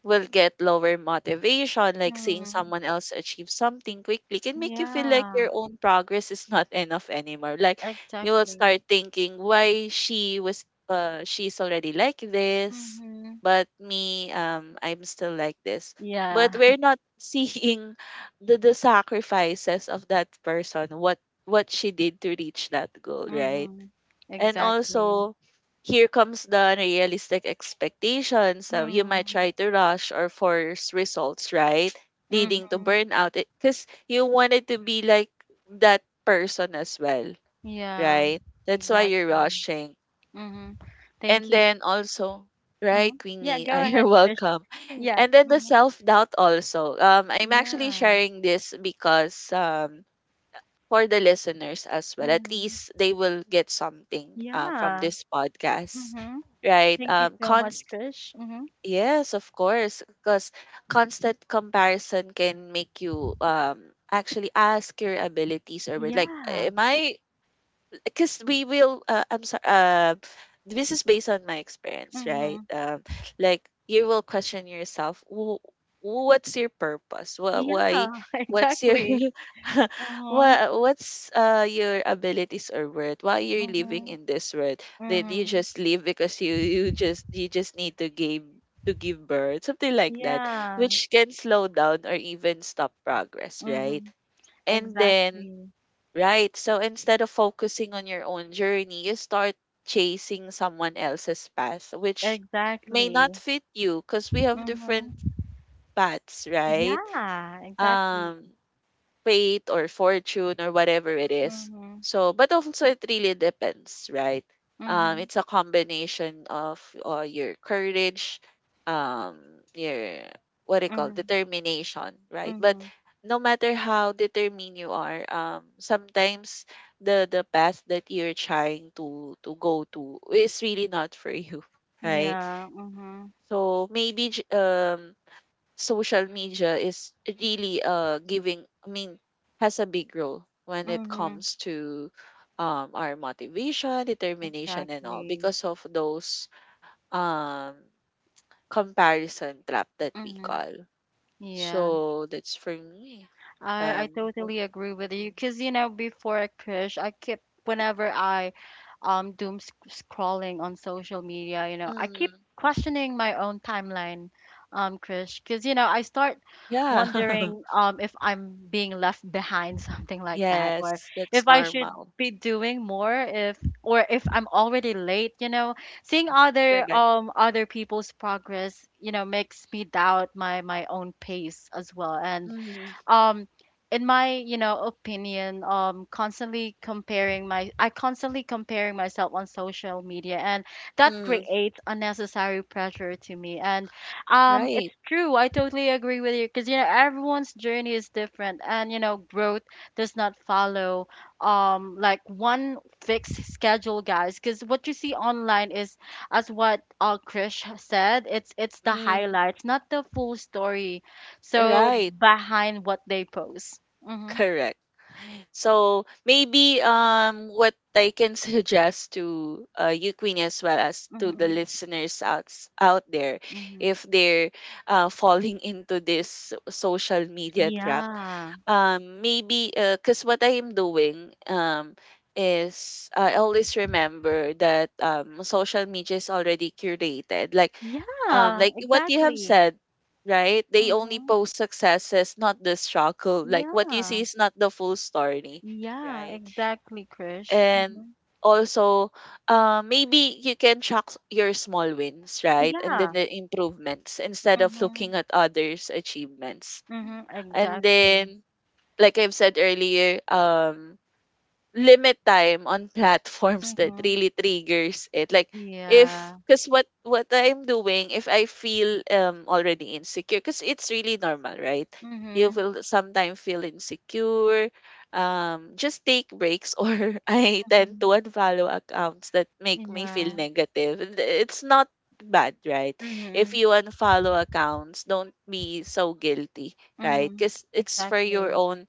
[SPEAKER 2] we will get lower motivation, like seeing
[SPEAKER 1] Mhm.
[SPEAKER 2] someone else achieve something quickly can make you feel like
[SPEAKER 1] Yeah.
[SPEAKER 2] your own progress is not enough anymore, like you will
[SPEAKER 1] Exactly.
[SPEAKER 2] start thinking why she was she's already like this,
[SPEAKER 1] Mhm.
[SPEAKER 2] but me I'm still like this,
[SPEAKER 1] Yeah.
[SPEAKER 2] but we're not seeing the sacrifices of that person, what she did to reach that goal, right?
[SPEAKER 1] Mhm.
[SPEAKER 2] And
[SPEAKER 1] Exactly.
[SPEAKER 2] also, here comes the unrealistic expectations. So you might
[SPEAKER 1] Mhm.
[SPEAKER 2] try to rush or force results, right? Leading to
[SPEAKER 1] Mhm.
[SPEAKER 2] burnout. Because you wanted to be like that person as well,
[SPEAKER 1] Yeah.
[SPEAKER 2] right? That's why you're
[SPEAKER 1] Exactly.
[SPEAKER 2] rushing.
[SPEAKER 1] Mhm.
[SPEAKER 2] And
[SPEAKER 1] Thank you.
[SPEAKER 2] then also, right,
[SPEAKER 1] Mhm. Yeah.
[SPEAKER 2] Queenie,
[SPEAKER 1] Go
[SPEAKER 2] you're
[SPEAKER 1] ahead, Trish.
[SPEAKER 2] welcome.
[SPEAKER 1] Yeah.
[SPEAKER 2] And then the
[SPEAKER 1] Mhm.
[SPEAKER 2] self doubt also. I'm actually
[SPEAKER 1] Yeah.
[SPEAKER 2] sharing this because for the listeners as well. At
[SPEAKER 1] Mhm.
[SPEAKER 2] least they will get something from
[SPEAKER 1] Yeah.
[SPEAKER 2] this podcast,
[SPEAKER 1] Mhm.
[SPEAKER 2] right?
[SPEAKER 1] Thank you so much,
[SPEAKER 2] Const
[SPEAKER 1] Krish. Mm-hmm.
[SPEAKER 2] yes, of course, because constant comparison can make you actually ask your abilities or like,
[SPEAKER 1] Yeah.
[SPEAKER 2] am I, because we will I'm sorry, this is based on my experience, right?
[SPEAKER 1] Mm-hmm.
[SPEAKER 2] Like you will question yourself, what's your purpose? Why,
[SPEAKER 1] Yeah,
[SPEAKER 2] what's your
[SPEAKER 1] exactly. Mm-hmm.
[SPEAKER 2] what's your abilities or worth? Why you're living
[SPEAKER 1] Mm-hmm.
[SPEAKER 2] in this world? Did you
[SPEAKER 1] Mm-hmm.
[SPEAKER 2] just live because you just need to give, to give birth, something like that,"
[SPEAKER 1] Yeah.
[SPEAKER 2] which can slow down or even stop progress, right?
[SPEAKER 1] Mm-hmm.
[SPEAKER 2] And then,
[SPEAKER 1] Exactly.
[SPEAKER 2] right. So instead of focusing on your own journey, you start chasing someone else's path, which may not
[SPEAKER 1] Exactly.
[SPEAKER 2] fit you because we have different
[SPEAKER 1] Mm-hmm.
[SPEAKER 2] paths, right?
[SPEAKER 1] Yeah, exactly.
[SPEAKER 2] Um, fate or fortune or whatever it is.
[SPEAKER 1] Mm-hmm.
[SPEAKER 2] So, but also it really depends, right?
[SPEAKER 1] Mm-hmm.
[SPEAKER 2] It's a combination of your courage, um, your, what do you call,
[SPEAKER 1] Mm-hmm.
[SPEAKER 2] determination, right? But
[SPEAKER 1] Mm-hmm.
[SPEAKER 2] no matter how determined you are, sometimes the path that you're trying to go to is really not for you, right?
[SPEAKER 1] Yeah. Mm-hmm.
[SPEAKER 2] So maybe social media is really giving, I mean, has a big role when it
[SPEAKER 1] Mm-hmm.
[SPEAKER 2] comes to our motivation, determination and all
[SPEAKER 1] Exactly.
[SPEAKER 2] because of those um comparison trap that we
[SPEAKER 1] Mm-hmm.
[SPEAKER 2] call. So
[SPEAKER 1] Yeah.
[SPEAKER 2] that's for me.
[SPEAKER 1] I
[SPEAKER 2] um
[SPEAKER 1] totally agree with you,
[SPEAKER 2] Hoping.
[SPEAKER 1] because you know, before, Krish, I keep, whenever I doom sc scrolling on social media, you know, I keep
[SPEAKER 2] Mm,
[SPEAKER 1] questioning my own timeline, Krish, because you know, I start
[SPEAKER 2] yeah.
[SPEAKER 1] wondering if I'm being left behind, something like that, or
[SPEAKER 2] Yes, that's
[SPEAKER 1] if I should
[SPEAKER 2] normal.
[SPEAKER 1] be doing more, if I'm already late, you know, seeing
[SPEAKER 2] Correct.
[SPEAKER 1] other people's progress, you know, makes me doubt my own pace as well. And
[SPEAKER 2] Mm.
[SPEAKER 1] um in my, you know, opinion, constantly comparing myself on social media, and that
[SPEAKER 2] Mm.
[SPEAKER 1] creates unnecessary pressure to me. And it's
[SPEAKER 2] Right.
[SPEAKER 1] true, I totally agree with you, because you know, everyone's journey is different, and you know, growth does not follow like one fixed schedule, guys, because what you see online is, as what Krish said, it's the
[SPEAKER 2] Mm.
[SPEAKER 1] highlights, not the full story. So
[SPEAKER 2] Right.
[SPEAKER 1] behind what they post. Mhm.
[SPEAKER 2] Correct. So maybe what I can suggest to you, Queenie, as well as to the
[SPEAKER 1] Mhm.
[SPEAKER 2] listeners out, out there,
[SPEAKER 1] Mhm.
[SPEAKER 2] if they're falling into this social media trap,
[SPEAKER 1] Yeah.
[SPEAKER 2] maybe, because what I am doing is I always remember that social media is already curated.
[SPEAKER 1] Yeah,
[SPEAKER 2] Like what you have
[SPEAKER 1] exactly.
[SPEAKER 2] said, right? They only
[SPEAKER 1] Mhm.
[SPEAKER 2] post successes, not the struggle. Like what you see
[SPEAKER 1] Yeah.
[SPEAKER 2] is not the full story,
[SPEAKER 1] Yeah,
[SPEAKER 2] right?
[SPEAKER 1] exactly, Krish.
[SPEAKER 2] And
[SPEAKER 1] Mhm.
[SPEAKER 2] also maybe you can track your small wins, right, and then
[SPEAKER 1] Yeah.
[SPEAKER 2] the improvements instead of looking
[SPEAKER 1] Mhm.
[SPEAKER 2] at others achievements.
[SPEAKER 1] Mhm.
[SPEAKER 2] And
[SPEAKER 1] Exactly.
[SPEAKER 2] then like I've said earlier, limit time on platforms that
[SPEAKER 1] Mhm.
[SPEAKER 2] really triggers it. Like if,
[SPEAKER 1] Yeah.
[SPEAKER 2] because what I'm doing, if I feel already insecure, because it's really normal, right? You
[SPEAKER 1] Mhm.
[SPEAKER 2] will sometimes feel insecure. Just take breaks, or I tend
[SPEAKER 1] Mhm.
[SPEAKER 2] to unfollow accounts that make me feel
[SPEAKER 1] Yeah.
[SPEAKER 2] negative. And it's not bad, right? If
[SPEAKER 1] Mhm.
[SPEAKER 2] you unfollow accounts, don't be so guilty, right?
[SPEAKER 1] Mhm.
[SPEAKER 2] Because it's for your
[SPEAKER 1] Exactly.
[SPEAKER 2] own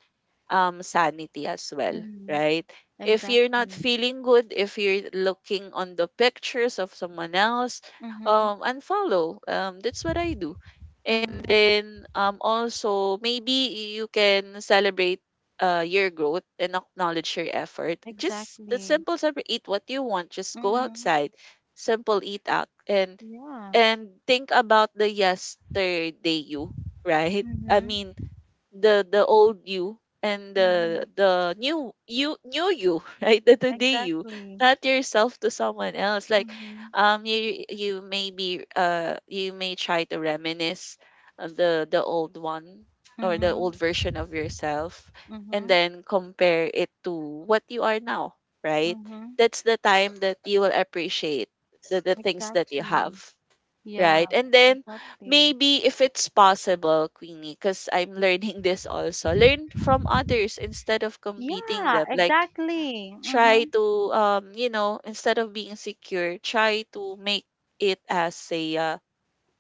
[SPEAKER 2] sanity as well,
[SPEAKER 1] Mhm.
[SPEAKER 2] right? If you're not
[SPEAKER 1] Exactly.
[SPEAKER 2] feeling good, if you're looking on the pictures of someone else,
[SPEAKER 1] Mhm.
[SPEAKER 2] unfollow. That's what I do. And
[SPEAKER 1] Mhm.
[SPEAKER 2] then also maybe you can celebrate your growth and acknowledge your effort. Just the
[SPEAKER 1] Exactly.
[SPEAKER 2] simple separate, eat what you want. Just go
[SPEAKER 1] Mhm.
[SPEAKER 2] outside. Simple eat out,
[SPEAKER 1] Yeah.
[SPEAKER 2] and think about the yesterday you, right? I
[SPEAKER 1] Mhm.
[SPEAKER 2] mean the old you and the
[SPEAKER 1] Mhm.
[SPEAKER 2] the new you, right, the today you,
[SPEAKER 1] Exactly.
[SPEAKER 2] not yourself to someone else. Like
[SPEAKER 1] Mhm.
[SPEAKER 2] you may be you may try to reminisce of the old one, or the
[SPEAKER 1] Mhm.
[SPEAKER 2] old version of yourself, and
[SPEAKER 1] Mhm.
[SPEAKER 2] then compare it to what you are now, right?
[SPEAKER 1] Mhm.
[SPEAKER 2] That's the time that you will appreciate the things that you have.
[SPEAKER 1] Exactly. Yeah.
[SPEAKER 2] Right. And then
[SPEAKER 1] Exactly.
[SPEAKER 2] maybe if it's possible, Queenie, because I'm learning this also, learn from others instead of competing
[SPEAKER 1] Yeah.
[SPEAKER 2] them. Like
[SPEAKER 1] Exactly.
[SPEAKER 2] try
[SPEAKER 1] Mhm.
[SPEAKER 2] to you know, instead of being secure, try to make it as a,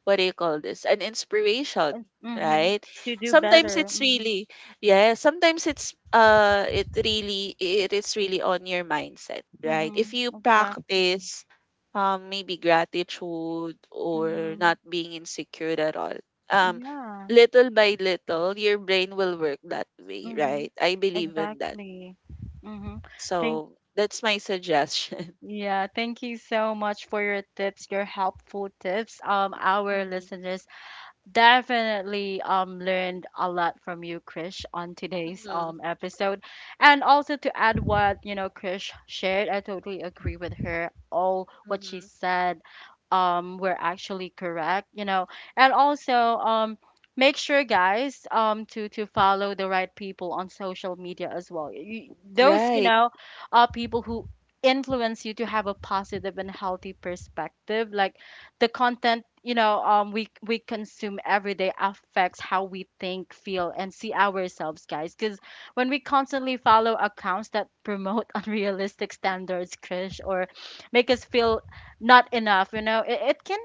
[SPEAKER 2] what do you call this, an inspiration,
[SPEAKER 1] Mhm.
[SPEAKER 2] right?
[SPEAKER 1] To do
[SPEAKER 2] Sometimes
[SPEAKER 1] better.
[SPEAKER 2] it's
[SPEAKER 1] Mhm.
[SPEAKER 2] really, yeah, sometimes it's it really, it is really on your mindset, right? If
[SPEAKER 1] Mhm.
[SPEAKER 2] you
[SPEAKER 1] Exactly.
[SPEAKER 2] practice maybe gratitude or
[SPEAKER 1] Mhm.
[SPEAKER 2] not being insecure at all, um
[SPEAKER 1] Yeah.
[SPEAKER 2] little by little your brain will work that way,
[SPEAKER 1] Mhm.
[SPEAKER 2] right? I believe in that.
[SPEAKER 1] Exactly. Mhm. Thank.
[SPEAKER 2] So that's my suggestion.
[SPEAKER 1] Yeah. Thank you so much for your tips, your helpful tips, our
[SPEAKER 2] Hmm.
[SPEAKER 1] listeners. Definitely learned a lot from you, Krish, on today's
[SPEAKER 2] Hmm.
[SPEAKER 1] episode. And also, to add what, you know, Krish shared, I totally agree with her. All what she
[SPEAKER 2] Hmm.
[SPEAKER 1] said were actually correct, you know. And also, make sure, guys, to follow the right people on social media as well. You, those, you
[SPEAKER 2] Right.
[SPEAKER 1] know, people who influence you to have a positive and healthy perspective, like the content, you know, we consume every day affects how we think, feel, and see ourselves, guys, because when we constantly follow accounts that promote unrealistic standards, crush, or make us feel not enough, you know, it can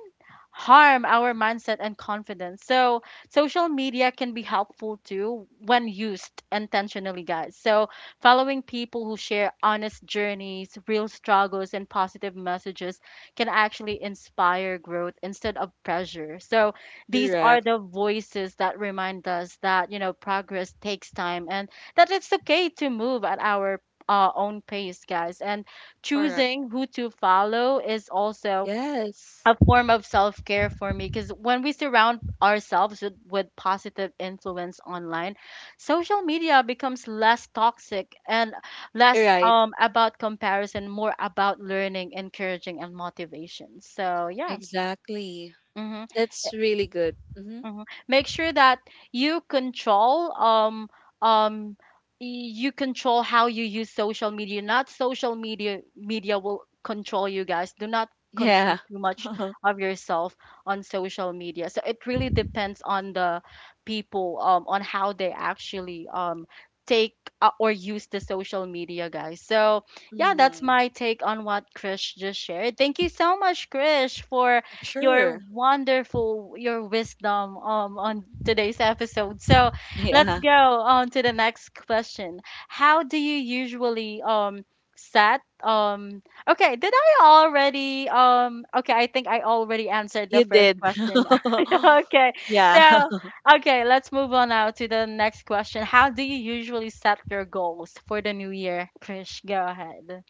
[SPEAKER 1] harm our mindset and confidence. So, social media can be helpful too when used intentionally, guys. So, following people who share honest journeys, real struggles, and positive messages can actually inspire growth instead of pressure. So, these are
[SPEAKER 2] Correct.
[SPEAKER 1] the voices that remind us that, you know, progress takes time, and that it's okay to move at our own pace, guys. And
[SPEAKER 2] Correct.
[SPEAKER 1] choosing who to follow is also
[SPEAKER 2] Yes.
[SPEAKER 1] a form of self care for me, because when we surround ourselves with positive influence online, social media becomes less toxic, and less
[SPEAKER 2] Right.
[SPEAKER 1] about comparison, more about learning, encouraging, and motivation. So, yeah.
[SPEAKER 2] Exactly.
[SPEAKER 1] Hmm.
[SPEAKER 2] That's really good. Hmm.
[SPEAKER 1] Mhm. Make sure that you control um um you control how you use social media. Not social media will control you, guys. Do not
[SPEAKER 2] Yeah.
[SPEAKER 1] consume too much of yourself on social media. So it really depends on the people, on how they actually take, or use the social media, guys. So yeah, that's
[SPEAKER 2] Mm.
[SPEAKER 1] my take on what Krish just shared. Thank you so much, Krish, for
[SPEAKER 2] Sure.
[SPEAKER 1] your wisdom on today's episode. So let's
[SPEAKER 2] Yeah.
[SPEAKER 1] go on to the next question. How do you usually set okay, did I already okay, I think I already answered the
[SPEAKER 2] You
[SPEAKER 1] first
[SPEAKER 2] did.
[SPEAKER 1] question. okay
[SPEAKER 2] Yeah.
[SPEAKER 1] so okay, let's move on now to the next question. How do you usually set your goals for the new year, Krish? Go ahead.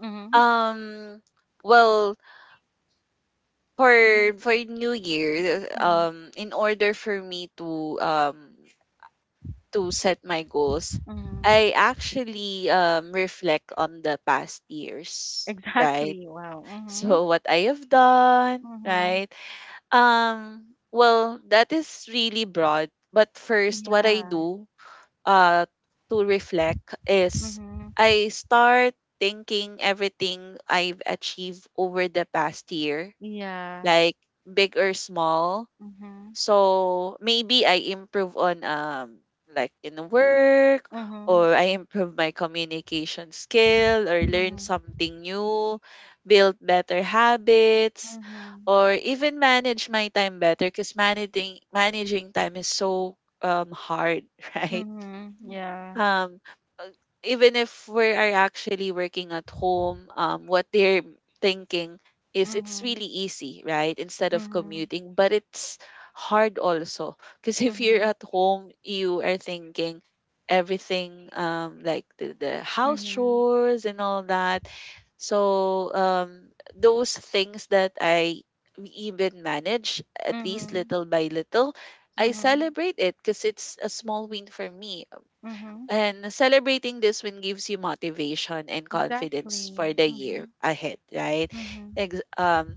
[SPEAKER 1] Hmm.
[SPEAKER 2] Um, well,
[SPEAKER 1] Hmm.
[SPEAKER 2] for New Year,
[SPEAKER 1] Hmm.
[SPEAKER 2] in order for me to set my goals,
[SPEAKER 1] Hmm.
[SPEAKER 2] I actually reflect on the past years, right?
[SPEAKER 1] Exactly. Wow. Mhm.
[SPEAKER 2] So what I have done,
[SPEAKER 1] Mhm.
[SPEAKER 2] right? Well, that is really broad. But first, what I
[SPEAKER 1] Yeah.
[SPEAKER 2] do uh, to reflect is
[SPEAKER 1] Mhm.
[SPEAKER 2] I start thinking everything I've achieved over the past year,
[SPEAKER 1] Yeah.
[SPEAKER 2] like big or small.
[SPEAKER 1] Mhm.
[SPEAKER 2] So maybe I improve on like in work,
[SPEAKER 1] Mhm.
[SPEAKER 2] or I improve my communication skill or learn
[SPEAKER 1] Mhm.
[SPEAKER 2] something new, build better habits,
[SPEAKER 1] Mhm.
[SPEAKER 2] or even manage my time better, because managing time is so hard, right?
[SPEAKER 1] Mhm. Yeah.
[SPEAKER 2] um uh, even if we are actually working at home, what they're thinking is it's
[SPEAKER 1] Mhm.
[SPEAKER 2] really easy, right, instead of
[SPEAKER 1] Mhm.
[SPEAKER 2] commuting, but it's hard also, because if you're
[SPEAKER 1] Mhm.
[SPEAKER 2] at home you are thinking everything, like the house
[SPEAKER 1] Mhm.
[SPEAKER 2] chores and all that. So those things that I even manage at least
[SPEAKER 1] Mhm.
[SPEAKER 2] little by little, I
[SPEAKER 1] Mhm.
[SPEAKER 2] celebrate it because it's a small win for me.
[SPEAKER 1] Mhm.
[SPEAKER 2] And celebrating this win gives you motivation and
[SPEAKER 1] Exactly.
[SPEAKER 2] confidence for the year
[SPEAKER 1] Mhm.
[SPEAKER 2] ahead, right?
[SPEAKER 1] Mhm.
[SPEAKER 2] Ex- um,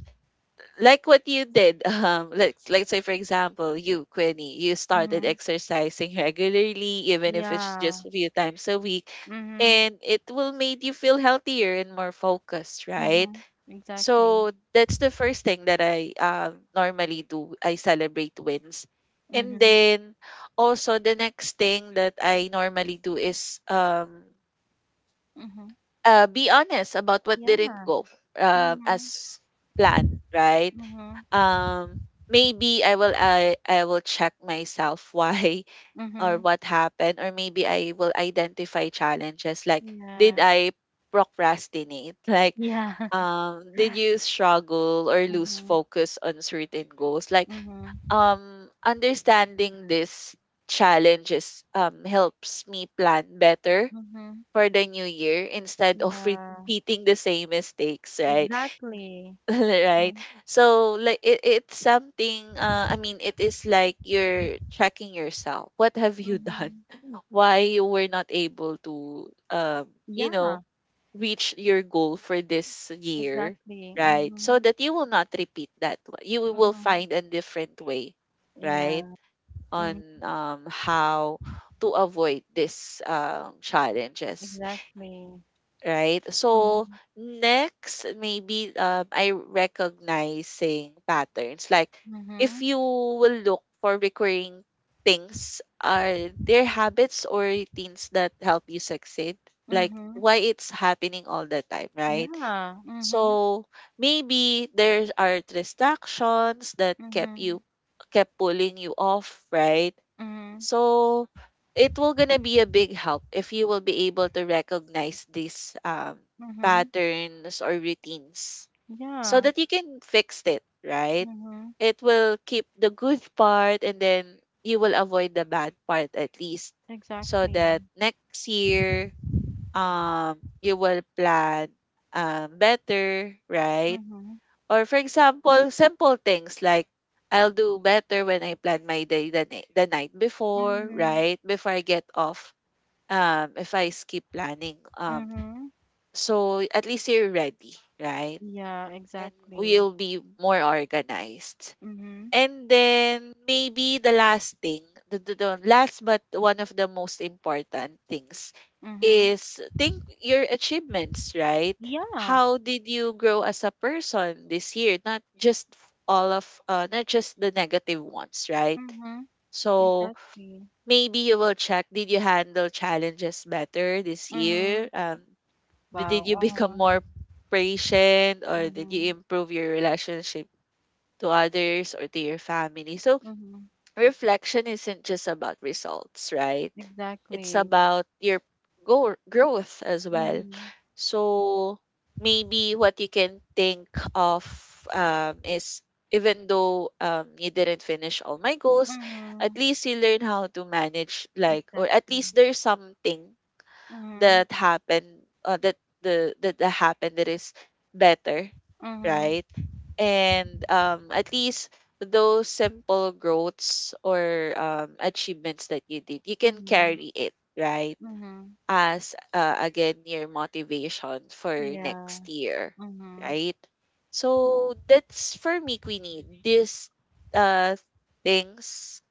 [SPEAKER 2] like what you did. Let's say for example, you, Quinny, you started
[SPEAKER 1] Mhm.
[SPEAKER 2] exercising regularly, even if it's just
[SPEAKER 1] Yeah.
[SPEAKER 2] a few times a week,
[SPEAKER 1] Mhm.
[SPEAKER 2] and it will make you feel healthier and more focused, right?
[SPEAKER 1] Mhm. Exactly.
[SPEAKER 2] So that's the first thing that I normally do. I celebrate wins. And
[SPEAKER 1] Mhm.
[SPEAKER 2] then also the next thing that I normally do is
[SPEAKER 1] Mhm.
[SPEAKER 2] be honest about what
[SPEAKER 1] Yeah.
[SPEAKER 2] didn't go
[SPEAKER 1] Mhm.
[SPEAKER 2] as planned, right?
[SPEAKER 1] Mhm.
[SPEAKER 2] Um, maybe I will I will check myself why or
[SPEAKER 1] Mhm.
[SPEAKER 2] what happened, or maybe I will identify challenges like, did
[SPEAKER 1] Yeah.
[SPEAKER 2] I procrastinate, like
[SPEAKER 1] Yeah.
[SPEAKER 2] did you struggle or lose
[SPEAKER 1] Mhm.
[SPEAKER 2] focus on certain goals, like
[SPEAKER 1] Mhm.
[SPEAKER 2] understanding these challenges helps me plan better
[SPEAKER 1] Mhm.
[SPEAKER 2] for the new year instead of
[SPEAKER 1] Yeah.
[SPEAKER 2] repeating the same mistakes, right?
[SPEAKER 1] Exactly.
[SPEAKER 2] Right.
[SPEAKER 1] Mhm.
[SPEAKER 2] So like it, it's something I mean it is like you're tracking yourself, what have you done,
[SPEAKER 1] Mhm.
[SPEAKER 2] why you were not able to you
[SPEAKER 1] Yeah,
[SPEAKER 2] know, reach your goal for this year,
[SPEAKER 1] exactly.
[SPEAKER 2] right, so
[SPEAKER 1] Mhm.
[SPEAKER 2] that you will not repeat that one, you will
[SPEAKER 1] Mhm.
[SPEAKER 2] find a different way, right,
[SPEAKER 1] Yeah.
[SPEAKER 2] on
[SPEAKER 1] Mhm.
[SPEAKER 2] how to avoid this challenges,
[SPEAKER 1] Exactly.
[SPEAKER 2] right? So
[SPEAKER 1] Mhm.
[SPEAKER 2] next, maybe I recognizing patterns. Like
[SPEAKER 1] Mhm.
[SPEAKER 2] if you will look for recurring things, are there habits or routines that help you succeed? Like
[SPEAKER 1] Mhm.
[SPEAKER 2] why it's happening all the time, right?
[SPEAKER 1] Yeah. Mhm.
[SPEAKER 2] So maybe there are distractions that kept
[SPEAKER 1] Mhm.
[SPEAKER 2] you, kept pulling you off, right?
[SPEAKER 1] Mhm.
[SPEAKER 2] So it will gonna be a big help if you will be able to recognize these
[SPEAKER 1] Mhm.
[SPEAKER 2] patterns or routines, so
[SPEAKER 1] Yeah.
[SPEAKER 2] that you can fix it, right?
[SPEAKER 1] Mhm.
[SPEAKER 2] It will keep the good part and then you will avoid the bad part, at least so
[SPEAKER 1] Exactly.
[SPEAKER 2] that next year you will plan better, right?
[SPEAKER 1] Mhm.
[SPEAKER 2] Or for example, simple things like, I'll do better when I plan my day the, the night before,
[SPEAKER 1] Mhm.
[SPEAKER 2] right? Before I get off. If I skip planning.
[SPEAKER 1] Mhm.
[SPEAKER 2] So at least you're ready, right?
[SPEAKER 1] Yeah,
[SPEAKER 2] And
[SPEAKER 1] exactly.
[SPEAKER 2] we'll be more organized.
[SPEAKER 1] Mhm.
[SPEAKER 2] And then maybe the last thing, the last but one of the most important things
[SPEAKER 1] Mhm.
[SPEAKER 2] is think your achievements, right?
[SPEAKER 1] Yeah.
[SPEAKER 2] How did you grow as a person this year? Not just all of not just the negative ones, right?
[SPEAKER 1] Mhm.
[SPEAKER 2] So
[SPEAKER 1] Exactly.
[SPEAKER 2] maybe you will check, did you handle challenges better this year?
[SPEAKER 1] Mhm.
[SPEAKER 2] Did
[SPEAKER 1] Wow.
[SPEAKER 2] you become
[SPEAKER 1] Uh-huh.
[SPEAKER 2] more patient, or did you
[SPEAKER 1] Mhm.
[SPEAKER 2] improve your relationship to others or to your family? So
[SPEAKER 1] Mhm.
[SPEAKER 2] reflection isn't just about results, right? It's
[SPEAKER 1] Exactly.
[SPEAKER 2] about your growth as well.
[SPEAKER 1] Mhm.
[SPEAKER 2] So maybe what you can think of is even though you didn't finish all my goals, at
[SPEAKER 1] Mhm.
[SPEAKER 2] least you learn how to manage, like, or at
[SPEAKER 1] Exactly.
[SPEAKER 2] least there's something
[SPEAKER 1] Mhm.
[SPEAKER 2] that happened that that happened that is better,
[SPEAKER 1] Mhm.
[SPEAKER 2] right, and at least those simple growths or achievements that you did, you can
[SPEAKER 1] Mhm.
[SPEAKER 2] carry it, right,
[SPEAKER 1] Mhm.
[SPEAKER 2] as again your motivation for
[SPEAKER 1] Yeah.
[SPEAKER 2] next year,
[SPEAKER 1] Mhm.
[SPEAKER 2] right, so that's for me, Queenie, these uh things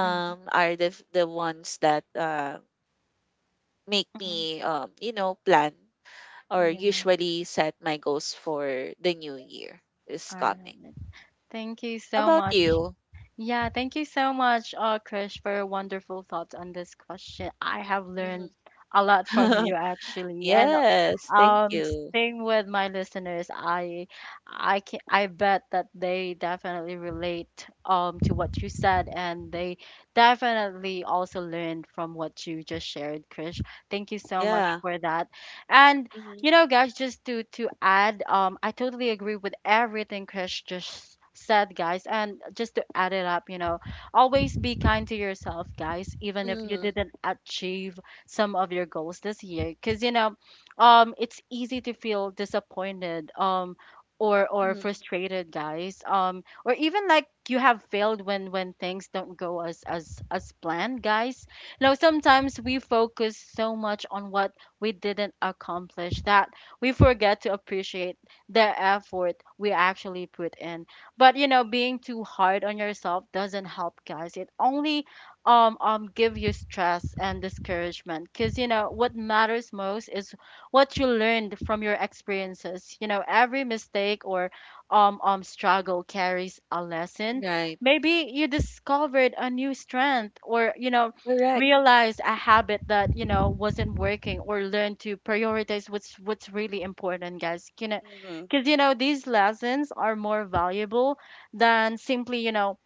[SPEAKER 1] Mhm.
[SPEAKER 2] are the ones that make
[SPEAKER 1] Mhm.
[SPEAKER 2] me plan or
[SPEAKER 1] Yeah.
[SPEAKER 2] usually set my goals for the new year is
[SPEAKER 1] All
[SPEAKER 2] coming.
[SPEAKER 1] right. Thank you
[SPEAKER 2] How
[SPEAKER 1] so
[SPEAKER 2] about
[SPEAKER 1] much,
[SPEAKER 2] you?
[SPEAKER 1] Yeah, thank you so much, Krish, for your wonderful thoughts on this question. I have learned
[SPEAKER 2] Mhm.
[SPEAKER 1] a lot from you actually, and
[SPEAKER 2] Yes, thank
[SPEAKER 1] um,
[SPEAKER 2] you.
[SPEAKER 1] same with my listeners. I bet that they definitely relate to what you said, and they definitely also learned from what you just shared, Krish. Thank you so much
[SPEAKER 2] Yeah.
[SPEAKER 1] for that. And
[SPEAKER 2] Mm-hmm.
[SPEAKER 1] you know, guys, just to add, I totally agree with everything Chris just said, guys. And just to add it up, you know, always be kind to yourself, guys, even if you
[SPEAKER 2] Mm-hmm.
[SPEAKER 1] didn't achieve some of your goals this year, because you know, it's easy to feel disappointed, or
[SPEAKER 2] Mm-hmm.
[SPEAKER 1] frustrated, guys, or even like you have failed when things don't go as planned, guys. You know, sometimes we focus so much on what we didn't accomplish, that we forget to appreciate the effort we actually put in. But you know, being too hard on yourself doesn't help, guys. It only give you stress and discouragement, because you know, what matters most is what you learned from your experiences. You know, every mistake or struggle carries a lesson.
[SPEAKER 2] Right.
[SPEAKER 1] Maybe you discovered a new strength, or you know,
[SPEAKER 2] Correct.
[SPEAKER 1] realize a habit that you know wasn't working, or learn to prioritize what's really important, guys, you know.
[SPEAKER 2] Mm-hmm.
[SPEAKER 1] Because you know, these lessons are more valuable than simply, you know,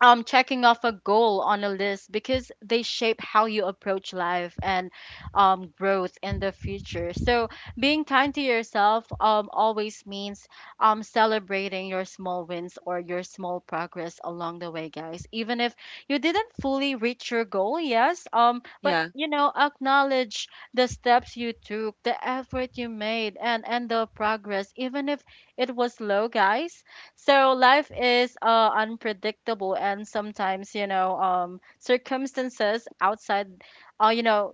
[SPEAKER 1] checking off a goal on a list, because they shape how you approach life and growth in the future. So being kind to yourself always means celebrating your small wins or your small progress along the way, guys, even if you didn't fully reach your goal. Yes, but
[SPEAKER 2] Yeah.
[SPEAKER 1] you know, acknowledge the steps you took, the effort you made, and the progress, even if it was low, guys. So
[SPEAKER 2] Mm-hmm.
[SPEAKER 1] life is unpredictable, and sometimes you know, circumstances outside, you know,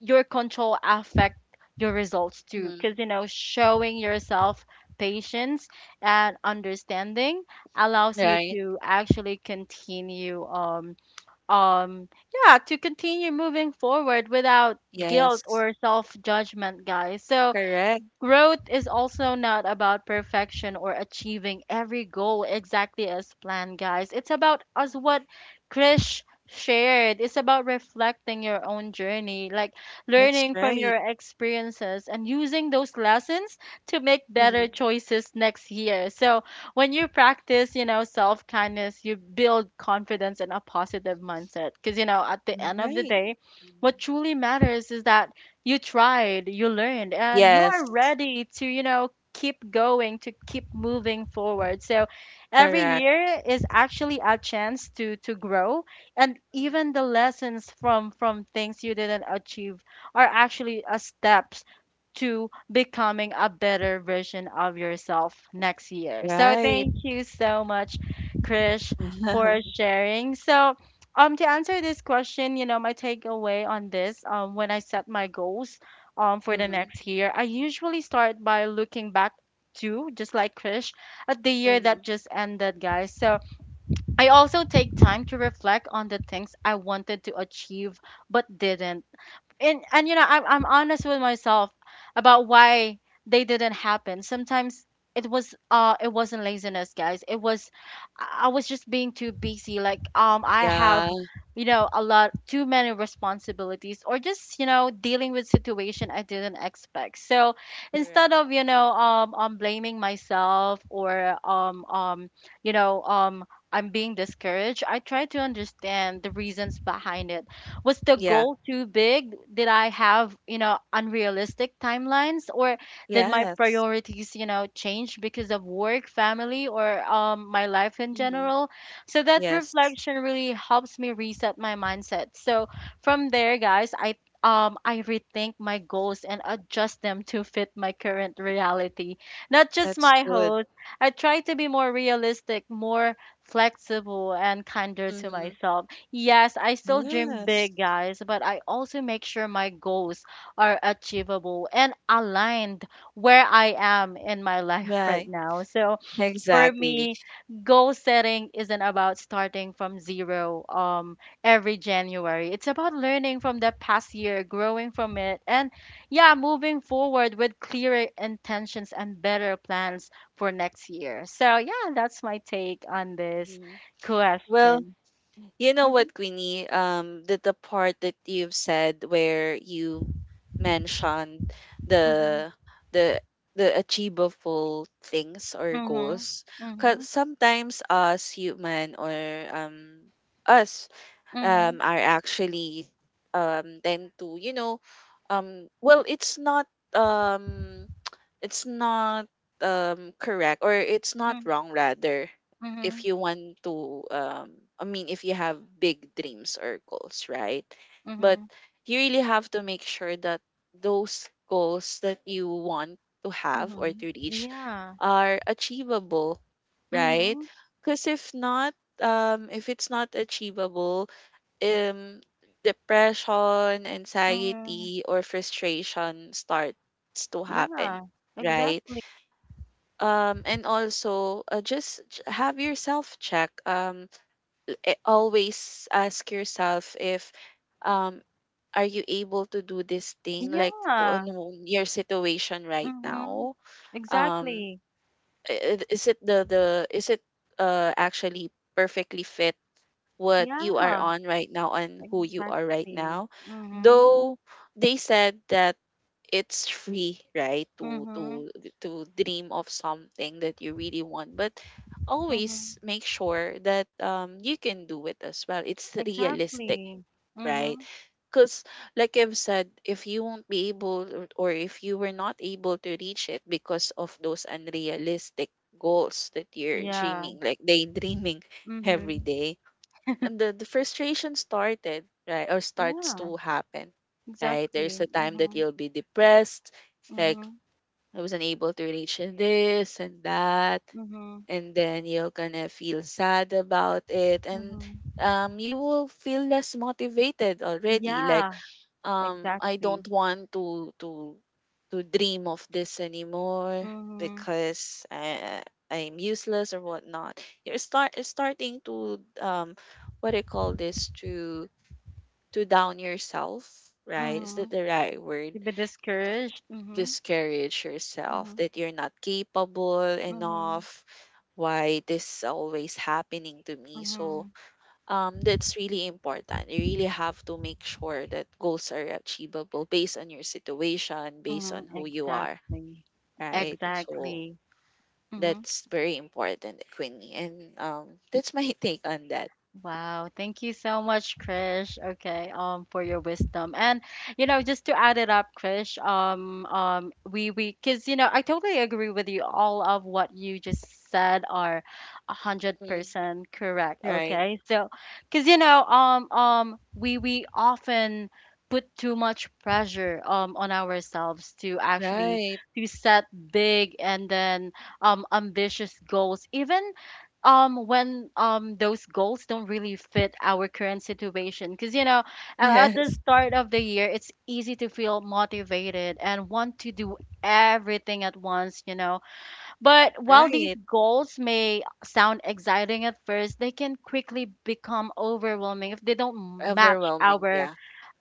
[SPEAKER 1] your control affect your results too.
[SPEAKER 2] Mm-hmm.
[SPEAKER 1] Because you know, showing yourself patience and understanding allows you
[SPEAKER 2] Right.
[SPEAKER 1] to actually um, yeah, to continue moving forward without guilt
[SPEAKER 2] Yes.
[SPEAKER 1] or self judgment, guys. So
[SPEAKER 2] Correct.
[SPEAKER 1] growth is also not about perfection or achieving every goal exactly as planned, guys. It's about, as what
[SPEAKER 2] Mm-hmm.
[SPEAKER 1] Krish shared, it's about reflecting your own journey, like
[SPEAKER 2] That's
[SPEAKER 1] learning from
[SPEAKER 2] right.
[SPEAKER 1] your experiences and using those lessons to make
[SPEAKER 2] Mm-hmm.
[SPEAKER 1] better choices next year. So when you practice, you know, self kindness, you build confidence and a positive mindset. Because, you know, at the end of the
[SPEAKER 2] Right.
[SPEAKER 1] day, what
[SPEAKER 2] Mhm.
[SPEAKER 1] truly matters is that you tried, you learned, and you
[SPEAKER 2] Yes.
[SPEAKER 1] are ready to, you know, keep going, to keep moving forward. So every
[SPEAKER 2] Correct.
[SPEAKER 1] year is actually a chance to grow, and
[SPEAKER 2] Mm-hmm.
[SPEAKER 1] even the lessons from things you didn't achieve are actually a steps to becoming a better version of yourself next year. So
[SPEAKER 2] Right.
[SPEAKER 1] thank you so much, Krish, for
[SPEAKER 2] Mm-hmm.
[SPEAKER 1] sharing. So to answer this question, you know, my takeaway on this, when I set my goals, for the
[SPEAKER 2] Mm-hmm.
[SPEAKER 1] next year, I usually start by looking back, to, just like Krish, at the year
[SPEAKER 2] Mm-hmm.
[SPEAKER 1] that just ended, guys. So I also take time to reflect on the things I wanted to achieve but didn't, and you know, I'm honest with myself about why they didn't happen. Sometimes it was, it wasn't laziness, guys. It was, I was just being too busy. Like I have,
[SPEAKER 2] Yeah.
[SPEAKER 1] you know, a lot too many responsibilities, or just, you know, dealing with situation I didn't expect. So
[SPEAKER 2] Correct.
[SPEAKER 1] instead of blaming myself or um um you know um I'm being discouraged, I try to understand the reasons behind it. Was the
[SPEAKER 2] Yeah.
[SPEAKER 1] goal too big? Did I have unrealistic timelines, or did my
[SPEAKER 2] Yes.
[SPEAKER 1] priorities change because of work, family, or my life in
[SPEAKER 2] Hmm.
[SPEAKER 1] general? So that
[SPEAKER 2] Yes.
[SPEAKER 1] reflection really helps me reset my mindset. So from there, guys, I rethink my goals and adjust them to fit my current reality. Not just
[SPEAKER 2] That's
[SPEAKER 1] my
[SPEAKER 2] good.
[SPEAKER 1] host. I try to be more realistic, more flexible, and kinder to
[SPEAKER 2] Hmm.
[SPEAKER 1] myself. Yes, I still dream
[SPEAKER 2] Yes.
[SPEAKER 1] big, guys, but I also make sure my goals are achievable and aligned where I am in my life right
[SPEAKER 2] Right.
[SPEAKER 1] now. So for
[SPEAKER 2] Exactly.
[SPEAKER 1] me, goal setting isn't about starting from zero every January. It's about learning from the past year, growing from it, and yeah, moving forward with clearer intentions and better plans for next year. So yeah, that's my take on this
[SPEAKER 2] Hmm. Well,
[SPEAKER 1] question.
[SPEAKER 2] you know
[SPEAKER 1] Mhm,
[SPEAKER 2] what, Queenie? The part that you've said where you mentioned
[SPEAKER 1] mhm.
[SPEAKER 2] the the the achievable things or
[SPEAKER 1] Mhm.
[SPEAKER 2] goals, because
[SPEAKER 1] Mhm.
[SPEAKER 2] sometimes us human or um us,
[SPEAKER 1] Mhm.
[SPEAKER 2] are actually, tend to well, it's not, um, it's not, correct, or it's not
[SPEAKER 1] Mm.
[SPEAKER 2] wrong rather, if
[SPEAKER 1] Mhm.
[SPEAKER 2] you want to, I mean, if you have big dreams or goals, right, but
[SPEAKER 1] Mhm.
[SPEAKER 2] you really have to make sure that those goals that you want to have or to
[SPEAKER 1] Mhm.
[SPEAKER 2] reach
[SPEAKER 1] Yeah.
[SPEAKER 2] are achievable, right,
[SPEAKER 1] Mhm.
[SPEAKER 2] because if not, if it's not achievable, um depression,
[SPEAKER 1] Mhm.
[SPEAKER 2] anxiety, or frustration starts to
[SPEAKER 1] Yeah.
[SPEAKER 2] happen, right?
[SPEAKER 1] Exactly.
[SPEAKER 2] And also, just have yourself check. Always ask yourself, if, um, are you able to do this thing, like,
[SPEAKER 1] Yeah.
[SPEAKER 2] on your situation right
[SPEAKER 1] Mhm.
[SPEAKER 2] now? Um,
[SPEAKER 1] Exactly.
[SPEAKER 2] is it actually perfectly fit what you are
[SPEAKER 1] Yeah.
[SPEAKER 2] on right now and who you are right
[SPEAKER 1] Exactly.
[SPEAKER 2] now,
[SPEAKER 1] Mhm.
[SPEAKER 2] though they said that it's free, right, to
[SPEAKER 1] Mhm.
[SPEAKER 2] dream of something that you really want, but always
[SPEAKER 1] Mhm.
[SPEAKER 2] make sure that you can do it as well, it's realistic,
[SPEAKER 1] Exactly.
[SPEAKER 2] right,
[SPEAKER 1] Mhm.
[SPEAKER 2] because, like I've said, if you won't be able, or if you were not able to reach it because of those unrealistic goals that you're
[SPEAKER 1] Yeah.
[SPEAKER 2] dreaming, like daydreaming every
[SPEAKER 1] Mhm.
[SPEAKER 2] day, and the frustration started, right, or starts
[SPEAKER 1] Yeah.
[SPEAKER 2] to happen, right, there's a
[SPEAKER 1] Exactly.
[SPEAKER 2] time that
[SPEAKER 1] Mhm.
[SPEAKER 2] you'll be depressed. It's like,
[SPEAKER 1] Mhm.
[SPEAKER 2] I wasn't able to reach this and that,
[SPEAKER 1] Mhm.
[SPEAKER 2] and then you're gonna feel sad about it, and
[SPEAKER 1] Mhm.
[SPEAKER 2] you will feel less motivated already, like,
[SPEAKER 1] Yeah.
[SPEAKER 2] I
[SPEAKER 1] Exactly.
[SPEAKER 2] don't want to dream of this anymore
[SPEAKER 1] Mhm.
[SPEAKER 2] because I'm useless or whatnot. You're starting to, what do you call this, to down yourself, right? Is that
[SPEAKER 1] Mhm.
[SPEAKER 2] the right word?
[SPEAKER 1] You've been discouraged. Mm-hmm.
[SPEAKER 2] Discourage yourself
[SPEAKER 1] Mm-hmm.
[SPEAKER 2] that you're not capable
[SPEAKER 1] Mm-hmm.
[SPEAKER 2] enough. Why this always happening to me?
[SPEAKER 1] Mm-hmm.
[SPEAKER 2] So, that's really important. You really have to make sure that goals are achievable based on your situation, based on
[SPEAKER 1] Mm-hmm.
[SPEAKER 2] who you are,
[SPEAKER 1] Exactly.
[SPEAKER 2] right? So
[SPEAKER 1] Exactly. Mm-hmm.
[SPEAKER 2] that's very important, Queenie. And that's my take on that.
[SPEAKER 1] Wow, thank you so much, Krish. Okay, for your wisdom. And just to add it up, Krish, cause I totally agree with you. All of what you just said are a hundred
[SPEAKER 2] Mm.
[SPEAKER 1] percent correct.
[SPEAKER 2] Right,
[SPEAKER 1] Okay, so, cause you know, we often put too much pressure on ourselves to actually
[SPEAKER 2] right,
[SPEAKER 1] to set big, and then ambitious goals, even when those goals don't really fit our current situation. Because at the
[SPEAKER 2] yes,
[SPEAKER 1] start of the year, it's easy to feel motivated and want to do everything at once, but while these
[SPEAKER 2] right.
[SPEAKER 1] goals may sound exciting at first, they can quickly become overwhelming if they don't match
[SPEAKER 2] Overwhelming, yeah.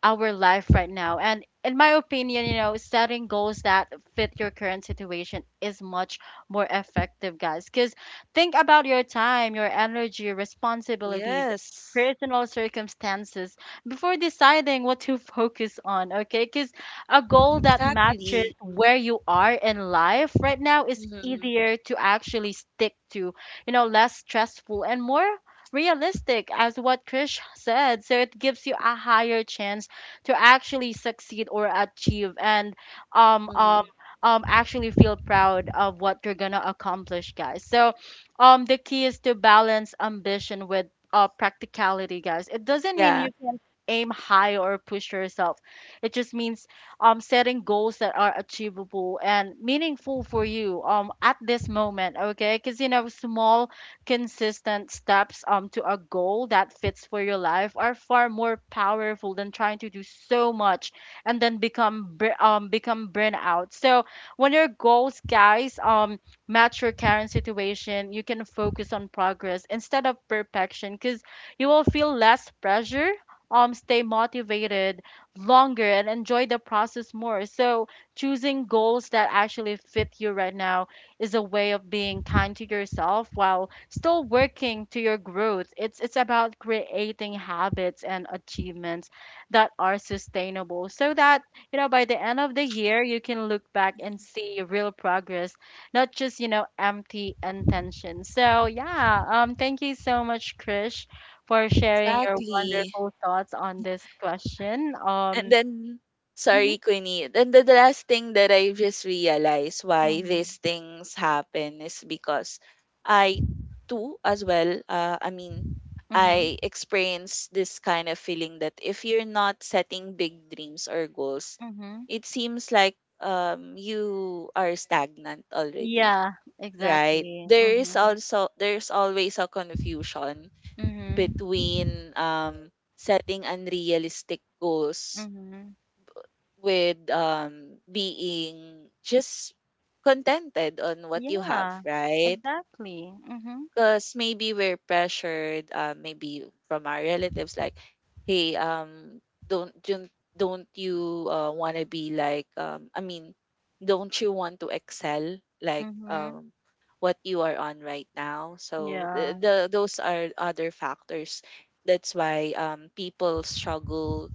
[SPEAKER 1] our life right now. And in my opinion, setting goals that fit your current situation is much more effective, guys. Because think about your time, your energy, responsibilities,
[SPEAKER 2] Yes,
[SPEAKER 1] personal circumstances before deciding what to focus on, okay? Because a goal that matches
[SPEAKER 2] exactly.
[SPEAKER 1] where you are in life right now is
[SPEAKER 2] Mm-hmm.
[SPEAKER 1] easier to actually stick to, less stressful and more realistic, as what Krish said. So it gives you a higher chance to actually succeed or achieve and um
[SPEAKER 2] Mm-hmm.
[SPEAKER 1] um actually feel proud of what you're gonna accomplish, guys. So the key is to balance ambition with practicality, guys. It doesn't mean
[SPEAKER 2] Yeah.
[SPEAKER 1] you can aim high or push yourself, it just means setting goals that are achievable and meaningful for you at this moment, okay? Because small, consistent steps to a goal that fits for your life are far more powerful than trying to do so much and then become become burnout. So when your goals, guys, match your current situation, you can focus on progress instead of perfection, because you will feel less pressure. Stay motivated longer and enjoy the process more. So, choosing goals that actually fit you right now is a way of being kind to yourself while still working to your growth. It's about creating habits and achievements that are sustainable so that, by the end of the year you can look back and
[SPEAKER 2] Mhm.
[SPEAKER 1] see real progress, not just, empty intention. So, yeah, thank you so much, Krish, for sharing your
[SPEAKER 2] Exactly.
[SPEAKER 1] wonderful thoughts on this question.
[SPEAKER 2] And then,
[SPEAKER 1] Mhm,
[SPEAKER 2] sorry, Queenie. Then the last thing that I just realized why
[SPEAKER 1] mhm,
[SPEAKER 2] these things happen is because I, too, as well, I mean,
[SPEAKER 1] mhm,
[SPEAKER 2] I experience this kind of feeling that if you're not setting big dreams or goals,
[SPEAKER 1] mhm.
[SPEAKER 2] it seems like, you are stagnant already,
[SPEAKER 1] Yeah,
[SPEAKER 2] right?
[SPEAKER 1] exactly.
[SPEAKER 2] There is
[SPEAKER 1] Mm-hmm.
[SPEAKER 2] also, there's always a confusion
[SPEAKER 1] Mhm.
[SPEAKER 2] between, setting unrealistic goals
[SPEAKER 1] Mhm.
[SPEAKER 2] with, being just contented on what you have,
[SPEAKER 1] Yeah,
[SPEAKER 2] right?
[SPEAKER 1] exactly. Mhm.
[SPEAKER 2] Because maybe we're pressured, maybe from our relatives, like, hey, don't don't don't you, want to be, like, I mean, don't you want to excel, like,
[SPEAKER 1] Mhm.
[SPEAKER 2] what you are on right now? So
[SPEAKER 1] Yeah,
[SPEAKER 2] the those are other factors. That's why people struggle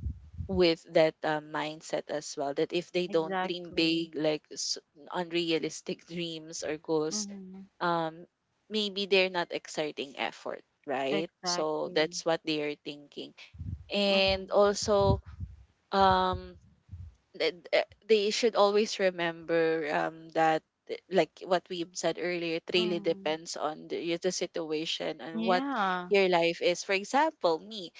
[SPEAKER 2] with that mindset as well, that if they don't dream
[SPEAKER 1] exactly.
[SPEAKER 2] big, like, unrealistic dreams or goals,
[SPEAKER 1] Mhm.
[SPEAKER 2] um maybe they're not exerting effort, right, so
[SPEAKER 1] Exactly.
[SPEAKER 2] that's what they are thinking.
[SPEAKER 1] Mhm.
[SPEAKER 2] And also, um they should always remember that, like what we said earlier, it really
[SPEAKER 1] Mhm.
[SPEAKER 2] depends on the situation and what
[SPEAKER 1] Yeah.
[SPEAKER 2] your life is. For example, me,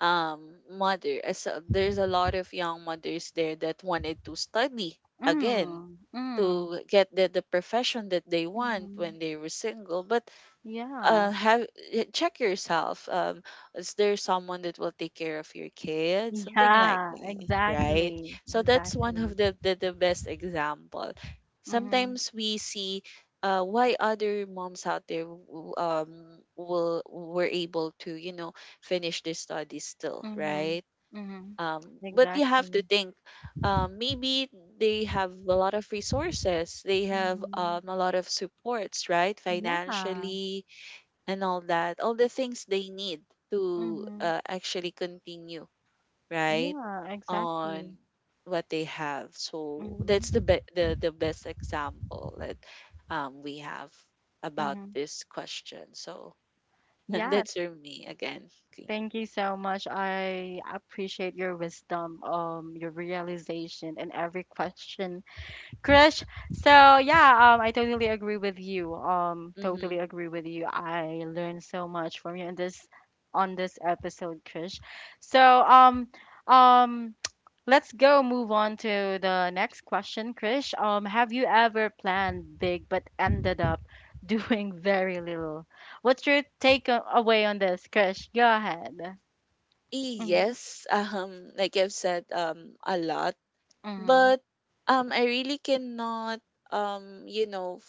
[SPEAKER 2] mother, there's a lot of young mothers there that wanted to study again
[SPEAKER 1] Mm. Mm.
[SPEAKER 2] to get the profession that they want
[SPEAKER 1] Mhm.
[SPEAKER 2] when they were single, but
[SPEAKER 1] Yeah.
[SPEAKER 2] uh, have check yourself. Is there someone that will take care of your kids? Something like
[SPEAKER 1] Yeah,
[SPEAKER 2] that, right?
[SPEAKER 1] exactly.
[SPEAKER 2] So that's one
[SPEAKER 1] Exactly.
[SPEAKER 2] of the best example.
[SPEAKER 1] Mhm.
[SPEAKER 2] Sometimes we see, why other moms out there, w- will were able to, finish their studies still,
[SPEAKER 1] Mhm.
[SPEAKER 2] right?
[SPEAKER 1] Mhm.
[SPEAKER 2] But you have to
[SPEAKER 1] Exactly.
[SPEAKER 2] think. Maybe they have a lot of resources. They have,
[SPEAKER 1] Mhm.
[SPEAKER 2] a lot of supports, right?
[SPEAKER 1] Yeah.
[SPEAKER 2] Financially, and all that, all the things they need to,
[SPEAKER 1] Mhm.
[SPEAKER 2] actually continue, right?
[SPEAKER 1] Yeah,
[SPEAKER 2] On
[SPEAKER 1] exactly.
[SPEAKER 2] what they have. So that's the
[SPEAKER 1] Mhm.
[SPEAKER 2] be- the best example that, we have about
[SPEAKER 1] Mhm.
[SPEAKER 2] this question. So
[SPEAKER 1] Yeah,
[SPEAKER 2] that's for me again, Queenie.
[SPEAKER 1] thank you so much. I appreciate your wisdom, your realization and every question, Krish. So yeah, I totally agree with you.
[SPEAKER 2] Mm-hmm.
[SPEAKER 1] I learned so much from you in this on this episode, Krish. So um, let's go move on to the next question, Krish. Have you ever planned big but ended up doing very little? What's your away on this, Krish? Go ahead. Mhm,
[SPEAKER 2] Yes, like I've said, a lot,
[SPEAKER 1] mhm,
[SPEAKER 2] but I really cannot, um, you know,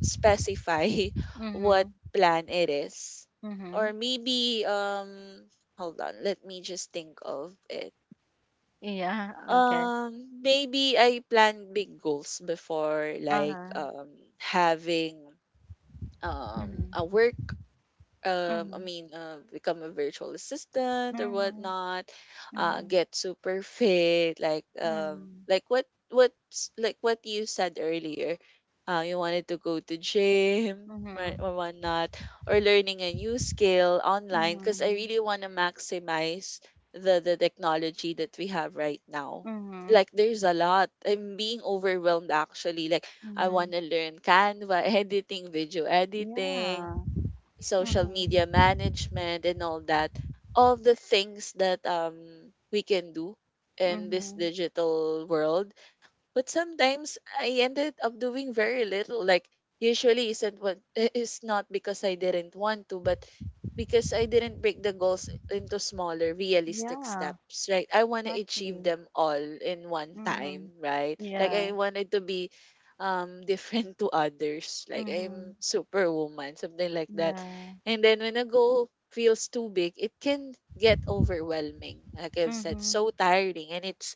[SPEAKER 2] specify what
[SPEAKER 1] mhm,
[SPEAKER 2] plan it is. Or
[SPEAKER 1] mhm.
[SPEAKER 2] maybe, hold on, let me just think of it.
[SPEAKER 1] Yeah, okay.
[SPEAKER 2] Maybe I plan big goals before, like,
[SPEAKER 1] Uh-huh.
[SPEAKER 2] having,
[SPEAKER 1] Mhm,
[SPEAKER 2] a work, I
[SPEAKER 1] mhm,
[SPEAKER 2] mean, become a virtual assistant or
[SPEAKER 1] mhm,
[SPEAKER 2] whatnot,
[SPEAKER 1] mhm,
[SPEAKER 2] get super fit, like,
[SPEAKER 1] mhm,
[SPEAKER 2] like what's like what you said earlier, you wanted to go to gym or,
[SPEAKER 1] mhm,
[SPEAKER 2] whatnot, or learning a new skill online, because I
[SPEAKER 1] mhm,
[SPEAKER 2] really want to maximize the technology that we have right now.
[SPEAKER 1] mhm,
[SPEAKER 2] Like, there's a lot. I'm being overwhelmed, actually. Like, I want
[SPEAKER 1] mhm.
[SPEAKER 2] to learn Canva editing, video editing,
[SPEAKER 1] Yeah.
[SPEAKER 2] social
[SPEAKER 1] Mhm,
[SPEAKER 2] media management, and all that, all the things that, we can do in this
[SPEAKER 1] mhm.
[SPEAKER 2] digital world, but sometimes I ended up doing very little. Like, usually isn't what is not because I didn't want to, but because I didn't break the goals into smaller realistic
[SPEAKER 1] Yeah,
[SPEAKER 2] steps, right? I want to achieve
[SPEAKER 1] exactly.
[SPEAKER 2] them all in one time,
[SPEAKER 1] Mhm.
[SPEAKER 2] right? Like,
[SPEAKER 1] Yeah.
[SPEAKER 2] I wanted to be, different to others. Like, I'm
[SPEAKER 1] Mhm.
[SPEAKER 2] superwoman, something like that.
[SPEAKER 1] Yeah.
[SPEAKER 2] And then when a goal feels too big, it can get overwhelming, like I've said, so
[SPEAKER 1] Mhm.
[SPEAKER 2] tiring,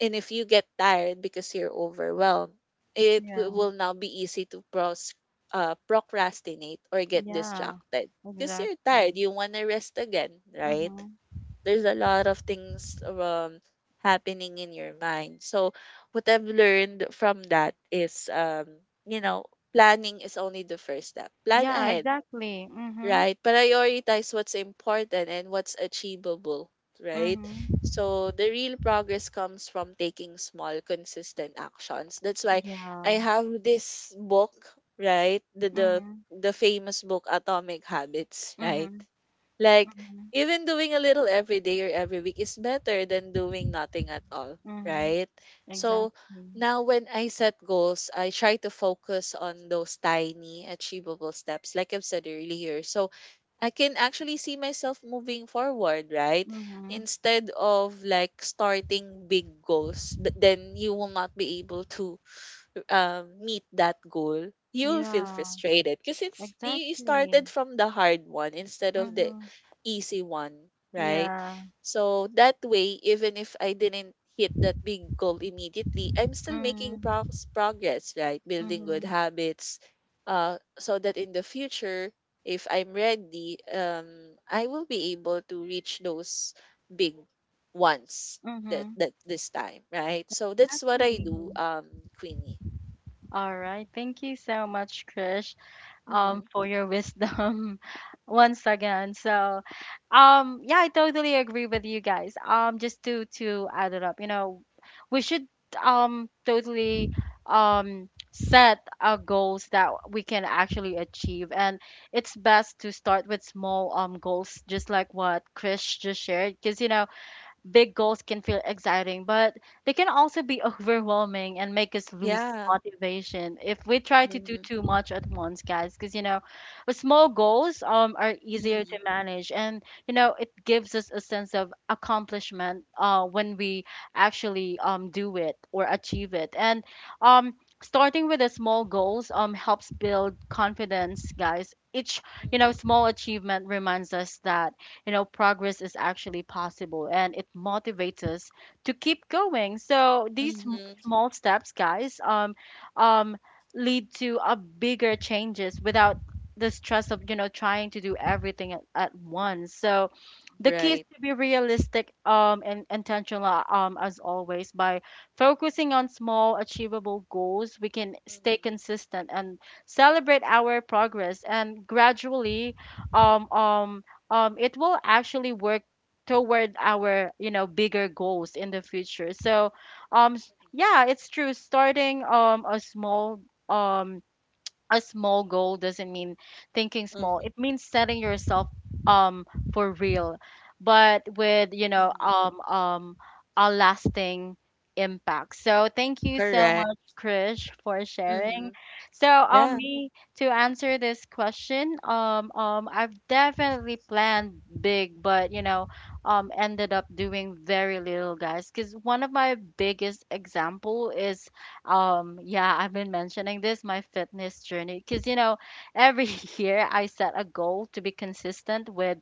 [SPEAKER 2] and if you get tired because you're overwhelmed, it w-
[SPEAKER 1] Yeah.
[SPEAKER 2] will now be easy to procrastinate or get
[SPEAKER 1] Yeah.
[SPEAKER 2] distracted because you're tired.
[SPEAKER 1] Exactly.
[SPEAKER 2] You want to rest again, right?
[SPEAKER 1] Mhm.
[SPEAKER 2] There's a lot of things, happening in your mind. So, what I've learned from that is, you know, planning is only the first step. Plan
[SPEAKER 1] Yeah,
[SPEAKER 2] ahead.
[SPEAKER 1] exactly. Mhm.
[SPEAKER 2] Right. Prioritize what's important and what's achievable, right?
[SPEAKER 1] Mhm.
[SPEAKER 2] So the real progress comes from taking small, consistent actions. That's why I
[SPEAKER 1] Yeah.
[SPEAKER 2] have this book, right? The the
[SPEAKER 1] Mhm.
[SPEAKER 2] the famous book Atomic Habits, right?
[SPEAKER 1] Mhm.
[SPEAKER 2] Like,
[SPEAKER 1] Mhm.
[SPEAKER 2] even doing a little every day or every week is better than doing nothing at all,
[SPEAKER 1] Mhm.
[SPEAKER 2] right? So
[SPEAKER 1] Exactly.
[SPEAKER 2] now when I set goals, I try to focus on those tiny achievable steps like I've said earlier. So I can actually see myself moving forward, right?
[SPEAKER 1] Mm-hmm.
[SPEAKER 2] Instead of, like, starting big goals, but then you will not be able to, meet that goal, you'll feel
[SPEAKER 1] Yeah,
[SPEAKER 2] frustrated because it's you
[SPEAKER 1] exactly.
[SPEAKER 2] started from the hard one instead of the
[SPEAKER 1] Mm-hmm.
[SPEAKER 2] easy one, right?
[SPEAKER 1] Yeah.
[SPEAKER 2] So that way, even if I didn't hit that big goal immediately, I'm still making
[SPEAKER 1] Mm-hmm.
[SPEAKER 2] progress, right? Building good
[SPEAKER 1] Mm-hmm.
[SPEAKER 2] habits, so that in the future, if I'm ready, I will be able to reach those big ones that
[SPEAKER 1] Mm-hmm.
[SPEAKER 2] this time, right? So that's what I
[SPEAKER 1] Exactly.
[SPEAKER 2] do, Queenie.
[SPEAKER 1] All right. Thank you so much, Krish,
[SPEAKER 2] Mhm.
[SPEAKER 1] for your wisdom once again. So, yeah, I totally agree with you, guys. Just to add it up, we should totally set our goals that we can actually achieve, and it's best to start with small goals, just like what Chris just shared. Because big goals can feel exciting, but they can also be overwhelming and make us lose
[SPEAKER 2] Yeah.
[SPEAKER 1] motivation if we try to do
[SPEAKER 2] Mhm.
[SPEAKER 1] too much at once, guys. Because with small goals are easier to
[SPEAKER 2] Mhm.
[SPEAKER 1] manage, and it gives us a sense of accomplishment when we actually do it or achieve it, and um. Starting with the small goals helps build confidence, guys. Each
[SPEAKER 2] Mhm.
[SPEAKER 1] small achievement reminds us that progress is actually possible, and it motivates us to keep going. So these
[SPEAKER 2] Mhm.
[SPEAKER 1] small steps, guys, um, lead to a bigger changes without the stress of, trying to do everything at once. So the key is
[SPEAKER 2] Right.
[SPEAKER 1] to be realistic and intentional, as always. By focusing on small achievable goals, we can stay
[SPEAKER 2] Mhm.
[SPEAKER 1] consistent and celebrate our progress, and gradually um, um, it will actually work toward our bigger goals in the future. So
[SPEAKER 2] Mhm.
[SPEAKER 1] yeah, it's true, starting a small um a small goal doesn't mean thinking small.
[SPEAKER 2] Mhm.
[SPEAKER 1] It means setting yourself um for real, but with
[SPEAKER 2] Mhm.
[SPEAKER 1] a lasting impact. So thank you so
[SPEAKER 2] Correct.
[SPEAKER 1] much, Krish, for sharing.
[SPEAKER 2] Mhm.
[SPEAKER 1] So
[SPEAKER 2] Yeah.
[SPEAKER 1] me to answer this question. I've definitely planned big, but ended up doing very little, guys. Because one of my biggest example is yeah, I've been mentioning this, my fitness journey. Because every year I set a goal to be consistent with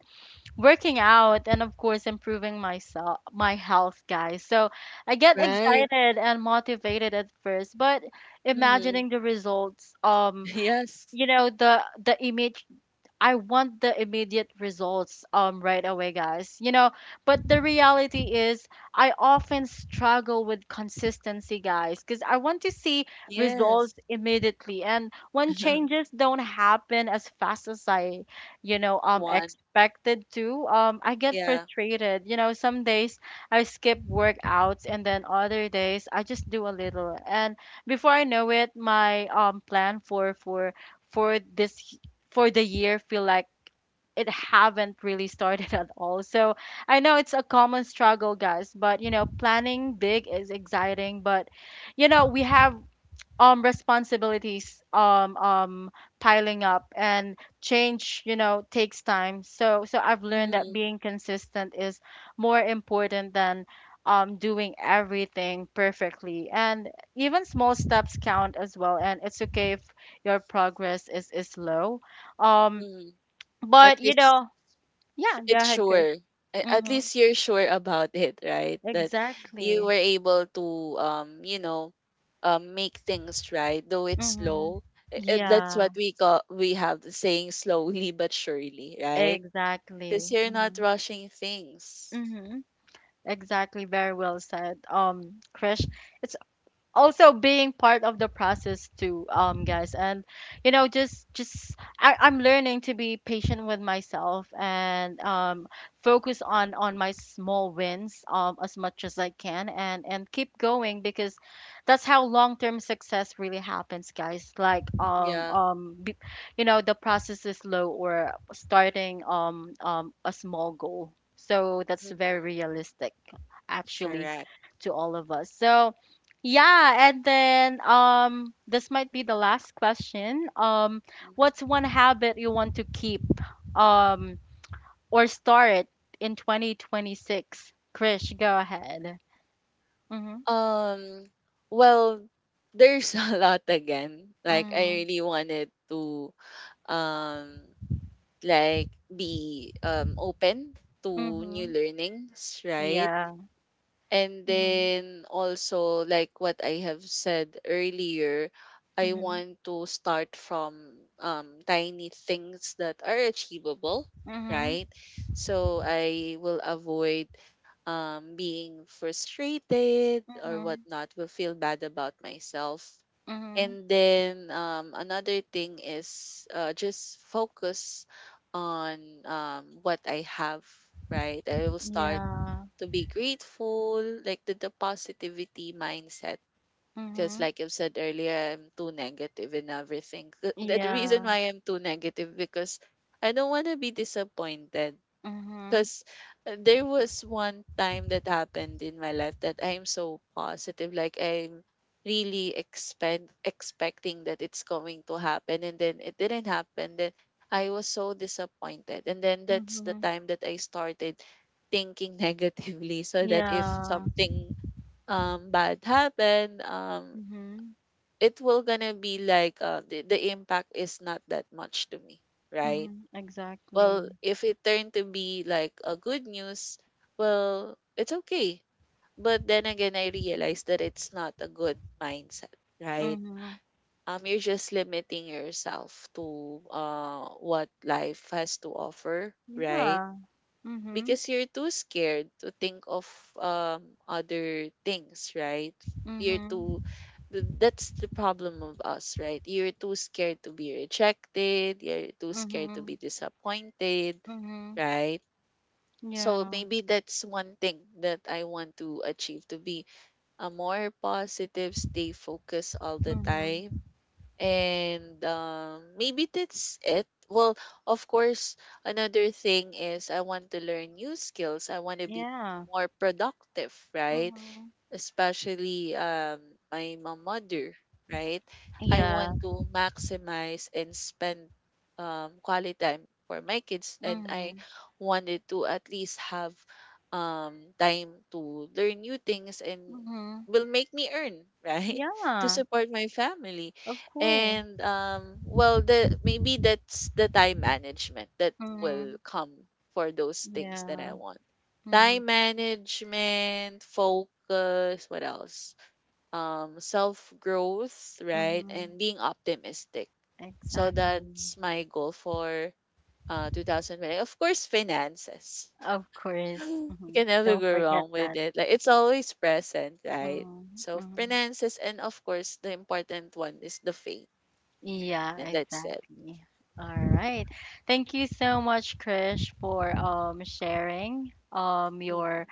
[SPEAKER 1] working out, and of course improving myself, my health, guys. So I get
[SPEAKER 2] Right.
[SPEAKER 1] excited and motivated at first, but
[SPEAKER 2] Mhm.
[SPEAKER 1] imagining the results,
[SPEAKER 2] Yes.
[SPEAKER 1] the immediate, I want the immediate results right away, guys. But the reality is I often struggle with consistency, guys, because I want to see
[SPEAKER 2] Yes.
[SPEAKER 1] results immediately. And when changes don't happen as fast as I,
[SPEAKER 2] One.
[SPEAKER 1] expected to, I get
[SPEAKER 2] Yeah.
[SPEAKER 1] frustrated. Some days I skip workouts, and then other days I just do a little. And before I know it, my plan for this for the year feel like it haven't really started at all. So I know it's a common struggle, guys, but planning big is exciting, but we have responsibilities piling up, and change, takes time. So I've learned that
[SPEAKER 2] Mhm.
[SPEAKER 1] being consistent is more important than doing everything perfectly. And even small steps count as well, and it's okay if your progress is slow. Um
[SPEAKER 2] Mhm. At
[SPEAKER 1] but
[SPEAKER 2] least sh-
[SPEAKER 1] yeah, go
[SPEAKER 2] it's
[SPEAKER 1] ahead, Chris.
[SPEAKER 2] sure at
[SPEAKER 1] Mm-hmm.
[SPEAKER 2] least you're sure about it, right, that you
[SPEAKER 1] Exactly.
[SPEAKER 2] were able to, um you know make things right, though it's
[SPEAKER 1] Mm-hmm.
[SPEAKER 2] slow. That's
[SPEAKER 1] Yeah,
[SPEAKER 2] what we call, we have the saying, slowly but surely, right,
[SPEAKER 1] exactly.
[SPEAKER 2] because you're not
[SPEAKER 1] Mm-hmm.
[SPEAKER 2] rushing things.
[SPEAKER 1] Mm-hmm. Exactly. Very well said. Krish,
[SPEAKER 2] Mm.
[SPEAKER 1] it's also being part of the process too, guys, and I'm learning to be patient with myself, and focus on my small wins as much as I can, and keep going. Because that's how long-term success really happens, guys. Like
[SPEAKER 2] Yeah.
[SPEAKER 1] the process is slow, or starting a small goal. So that's very
[SPEAKER 2] Hmm.
[SPEAKER 1] realistic actually
[SPEAKER 2] Correct.
[SPEAKER 1] to all of us. So yeah, and then this might be the last question. What's
[SPEAKER 2] Mhm.
[SPEAKER 1] one habit you want to keep um or start in 2026? Krish, go ahead. Mhm.
[SPEAKER 2] um well, there's a lot, again, like, I
[SPEAKER 1] Mhm.
[SPEAKER 2] really wanted to, um like, be, open to new
[SPEAKER 1] Mhm.
[SPEAKER 2] learnings, right?
[SPEAKER 1] Yeah.
[SPEAKER 2] And
[SPEAKER 1] Mhm.
[SPEAKER 2] then also, like what I have said earlier, I
[SPEAKER 1] Mhm.
[SPEAKER 2] want to start from, tiny things that are achievable,
[SPEAKER 1] Mhm.
[SPEAKER 2] right? So I will avoid, being frustrated or
[SPEAKER 1] Mhm.
[SPEAKER 2] whatnot, will feel bad about myself.
[SPEAKER 1] Mhm.
[SPEAKER 2] And then, another thing is, just focus on, what I have, right? I will start
[SPEAKER 1] Yeah.
[SPEAKER 2] to be grateful, like the positivity mindset. Because,
[SPEAKER 1] Mhm.
[SPEAKER 2] like I've said earlier, I'm too negative in everything. 'Cause the reason
[SPEAKER 1] Yeah.
[SPEAKER 2] why I'm too negative because I don't want to be disappointed.
[SPEAKER 1] Mhm.
[SPEAKER 2] Because there was one time that happened in my life, that I am so positive, like, I'm really expecting that it's going to happen, and then it didn't happen. Then I was so disappointed, and then that's the
[SPEAKER 1] Mhm.
[SPEAKER 2] time that I started thinking negatively, so that if
[SPEAKER 1] Yeah.
[SPEAKER 2] something, bad happened,
[SPEAKER 1] Mhm.
[SPEAKER 2] it will gonna be like, the impact is not that much to me, right,
[SPEAKER 1] Mhm.
[SPEAKER 2] well,
[SPEAKER 1] Exactly.
[SPEAKER 2] if it turned to be like a good news, well, it's okay. But then again, I realized that it's not a good mindset, right?
[SPEAKER 1] Mhm.
[SPEAKER 2] You're just limiting yourself to what life has to offer, right?
[SPEAKER 1] Yeah. Hmm.
[SPEAKER 2] Because you're too scared to think of, um other things, right? You're too
[SPEAKER 1] Mhm.
[SPEAKER 2] that's the problem of us, right? You're too scared to be rejected, you're too scared to be
[SPEAKER 1] Mhm.
[SPEAKER 2] disappointed,
[SPEAKER 1] Mhm.
[SPEAKER 2] right? So
[SPEAKER 1] Yeah.
[SPEAKER 2] maybe that's one thing that I want to achieve, to be a more positive, stay focused all the
[SPEAKER 1] Mhm.
[SPEAKER 2] time, and, maybe that's it. Well, of course, another thing is I want to learn new skills. I want to be
[SPEAKER 1] Yeah.
[SPEAKER 2] more productive, right?
[SPEAKER 1] Mhm.
[SPEAKER 2] Especially, my mother, right? I
[SPEAKER 1] Yeah.
[SPEAKER 2] want to maximize and spend, quality time for my kids. And I
[SPEAKER 1] Mhm.
[SPEAKER 2] wanted to at least have, time to learn new things and
[SPEAKER 1] Mhm.
[SPEAKER 2] will make me earn, right, to
[SPEAKER 1] Yeah.
[SPEAKER 2] support my family.
[SPEAKER 1] Of course.
[SPEAKER 2] And, well, the maybe that's the time management that will
[SPEAKER 1] Mhm.
[SPEAKER 2] come for those things that I
[SPEAKER 1] Yeah.
[SPEAKER 2] want. Time
[SPEAKER 1] Mhm.
[SPEAKER 2] management, focus, what else? Self growth, right? And
[SPEAKER 1] Mhm.
[SPEAKER 2] being optimistic. So
[SPEAKER 1] Exactly.
[SPEAKER 2] that's my goal for 2020. Of course, finances.
[SPEAKER 1] Of course.
[SPEAKER 2] You
[SPEAKER 1] Mhm.
[SPEAKER 2] can never
[SPEAKER 1] Don't
[SPEAKER 2] go
[SPEAKER 1] forget
[SPEAKER 2] wrong with
[SPEAKER 1] that.
[SPEAKER 2] it. Like, it's always present, right?
[SPEAKER 1] Mhm.
[SPEAKER 2] So
[SPEAKER 1] Mhm.
[SPEAKER 2] finances, and of course the important one is the faith,
[SPEAKER 1] Yeah,
[SPEAKER 2] and that's it.
[SPEAKER 1] exactly. All right. Thank you so much, Krish, for sharing
[SPEAKER 2] Mm.
[SPEAKER 1] your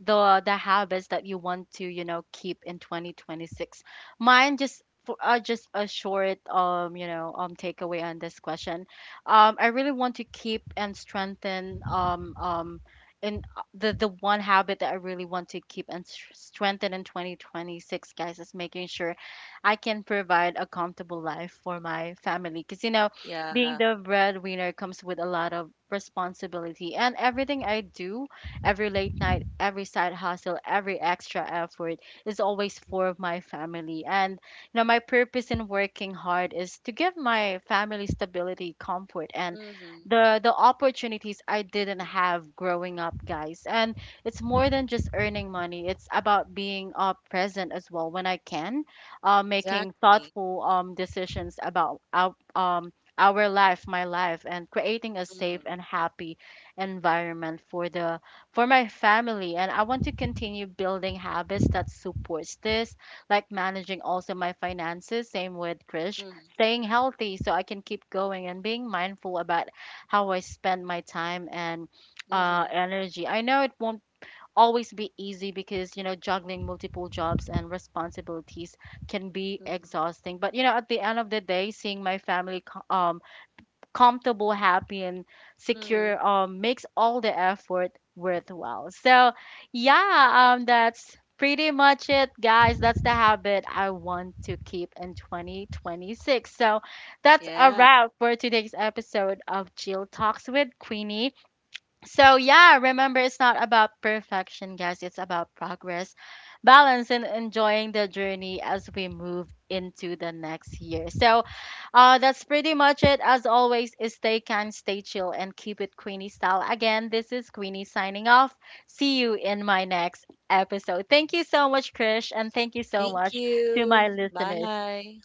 [SPEAKER 1] the habits that you want to keep in 2026. Mine, just for just a short takeaway on this question, I really want to keep and strengthen in the one habit that I really want to keep and strengthen in 2026, guys, is making sure I can provide a comfortable life for my family. Because being
[SPEAKER 2] Yeah.
[SPEAKER 1] the breadwinner comes with a lot of responsibility, and everything I do. Every late night, every side hustle, every extra effort is always for my family. And my purpose in working hard is to give my family stability, comfort, and
[SPEAKER 2] Mm-hmm.
[SPEAKER 1] the opportunities I didn't have growing up, guys. And it's more than just earning money. It's about being present as well when I can, making
[SPEAKER 2] Exactly.
[SPEAKER 1] thoughtful decisions about our life, my life, and creating a safe
[SPEAKER 2] Mm-hmm.
[SPEAKER 1] and happy environment for the for my family. And I want to continue building habits that supports this, like managing also my finances, same with Krish,
[SPEAKER 2] Mm-hmm.
[SPEAKER 1] staying healthy so I can keep going, and being mindful about how I spend my time and
[SPEAKER 2] Mm-hmm.
[SPEAKER 1] energy. I know it won't always be easy, because juggling multiple jobs and responsibilities can be exhausting. But at the end of the day, seeing my family comfortable, happy, and
[SPEAKER 2] Mm-hmm.
[SPEAKER 1] secure makes all the effort worthwhile. So, yeah, that's pretty much it, guys. That's the habit I want to keep in 2026. So, that's a
[SPEAKER 2] Yeah.
[SPEAKER 1] wrap for today's episode of Jill Talks with Queenie. So yeah, remember, it's not about perfection, guys. It's about progress, balance, and enjoying the journey as we move into the next year. So that's pretty much it. As always, is stay kind, stay chill, and keep it Queenie style. Again, this is Queenie signing off. See you in my next episode. Thank you so much, Krish, and thank you so
[SPEAKER 2] Thank
[SPEAKER 1] much to
[SPEAKER 2] you.
[SPEAKER 1] my listeners.
[SPEAKER 2] Bye.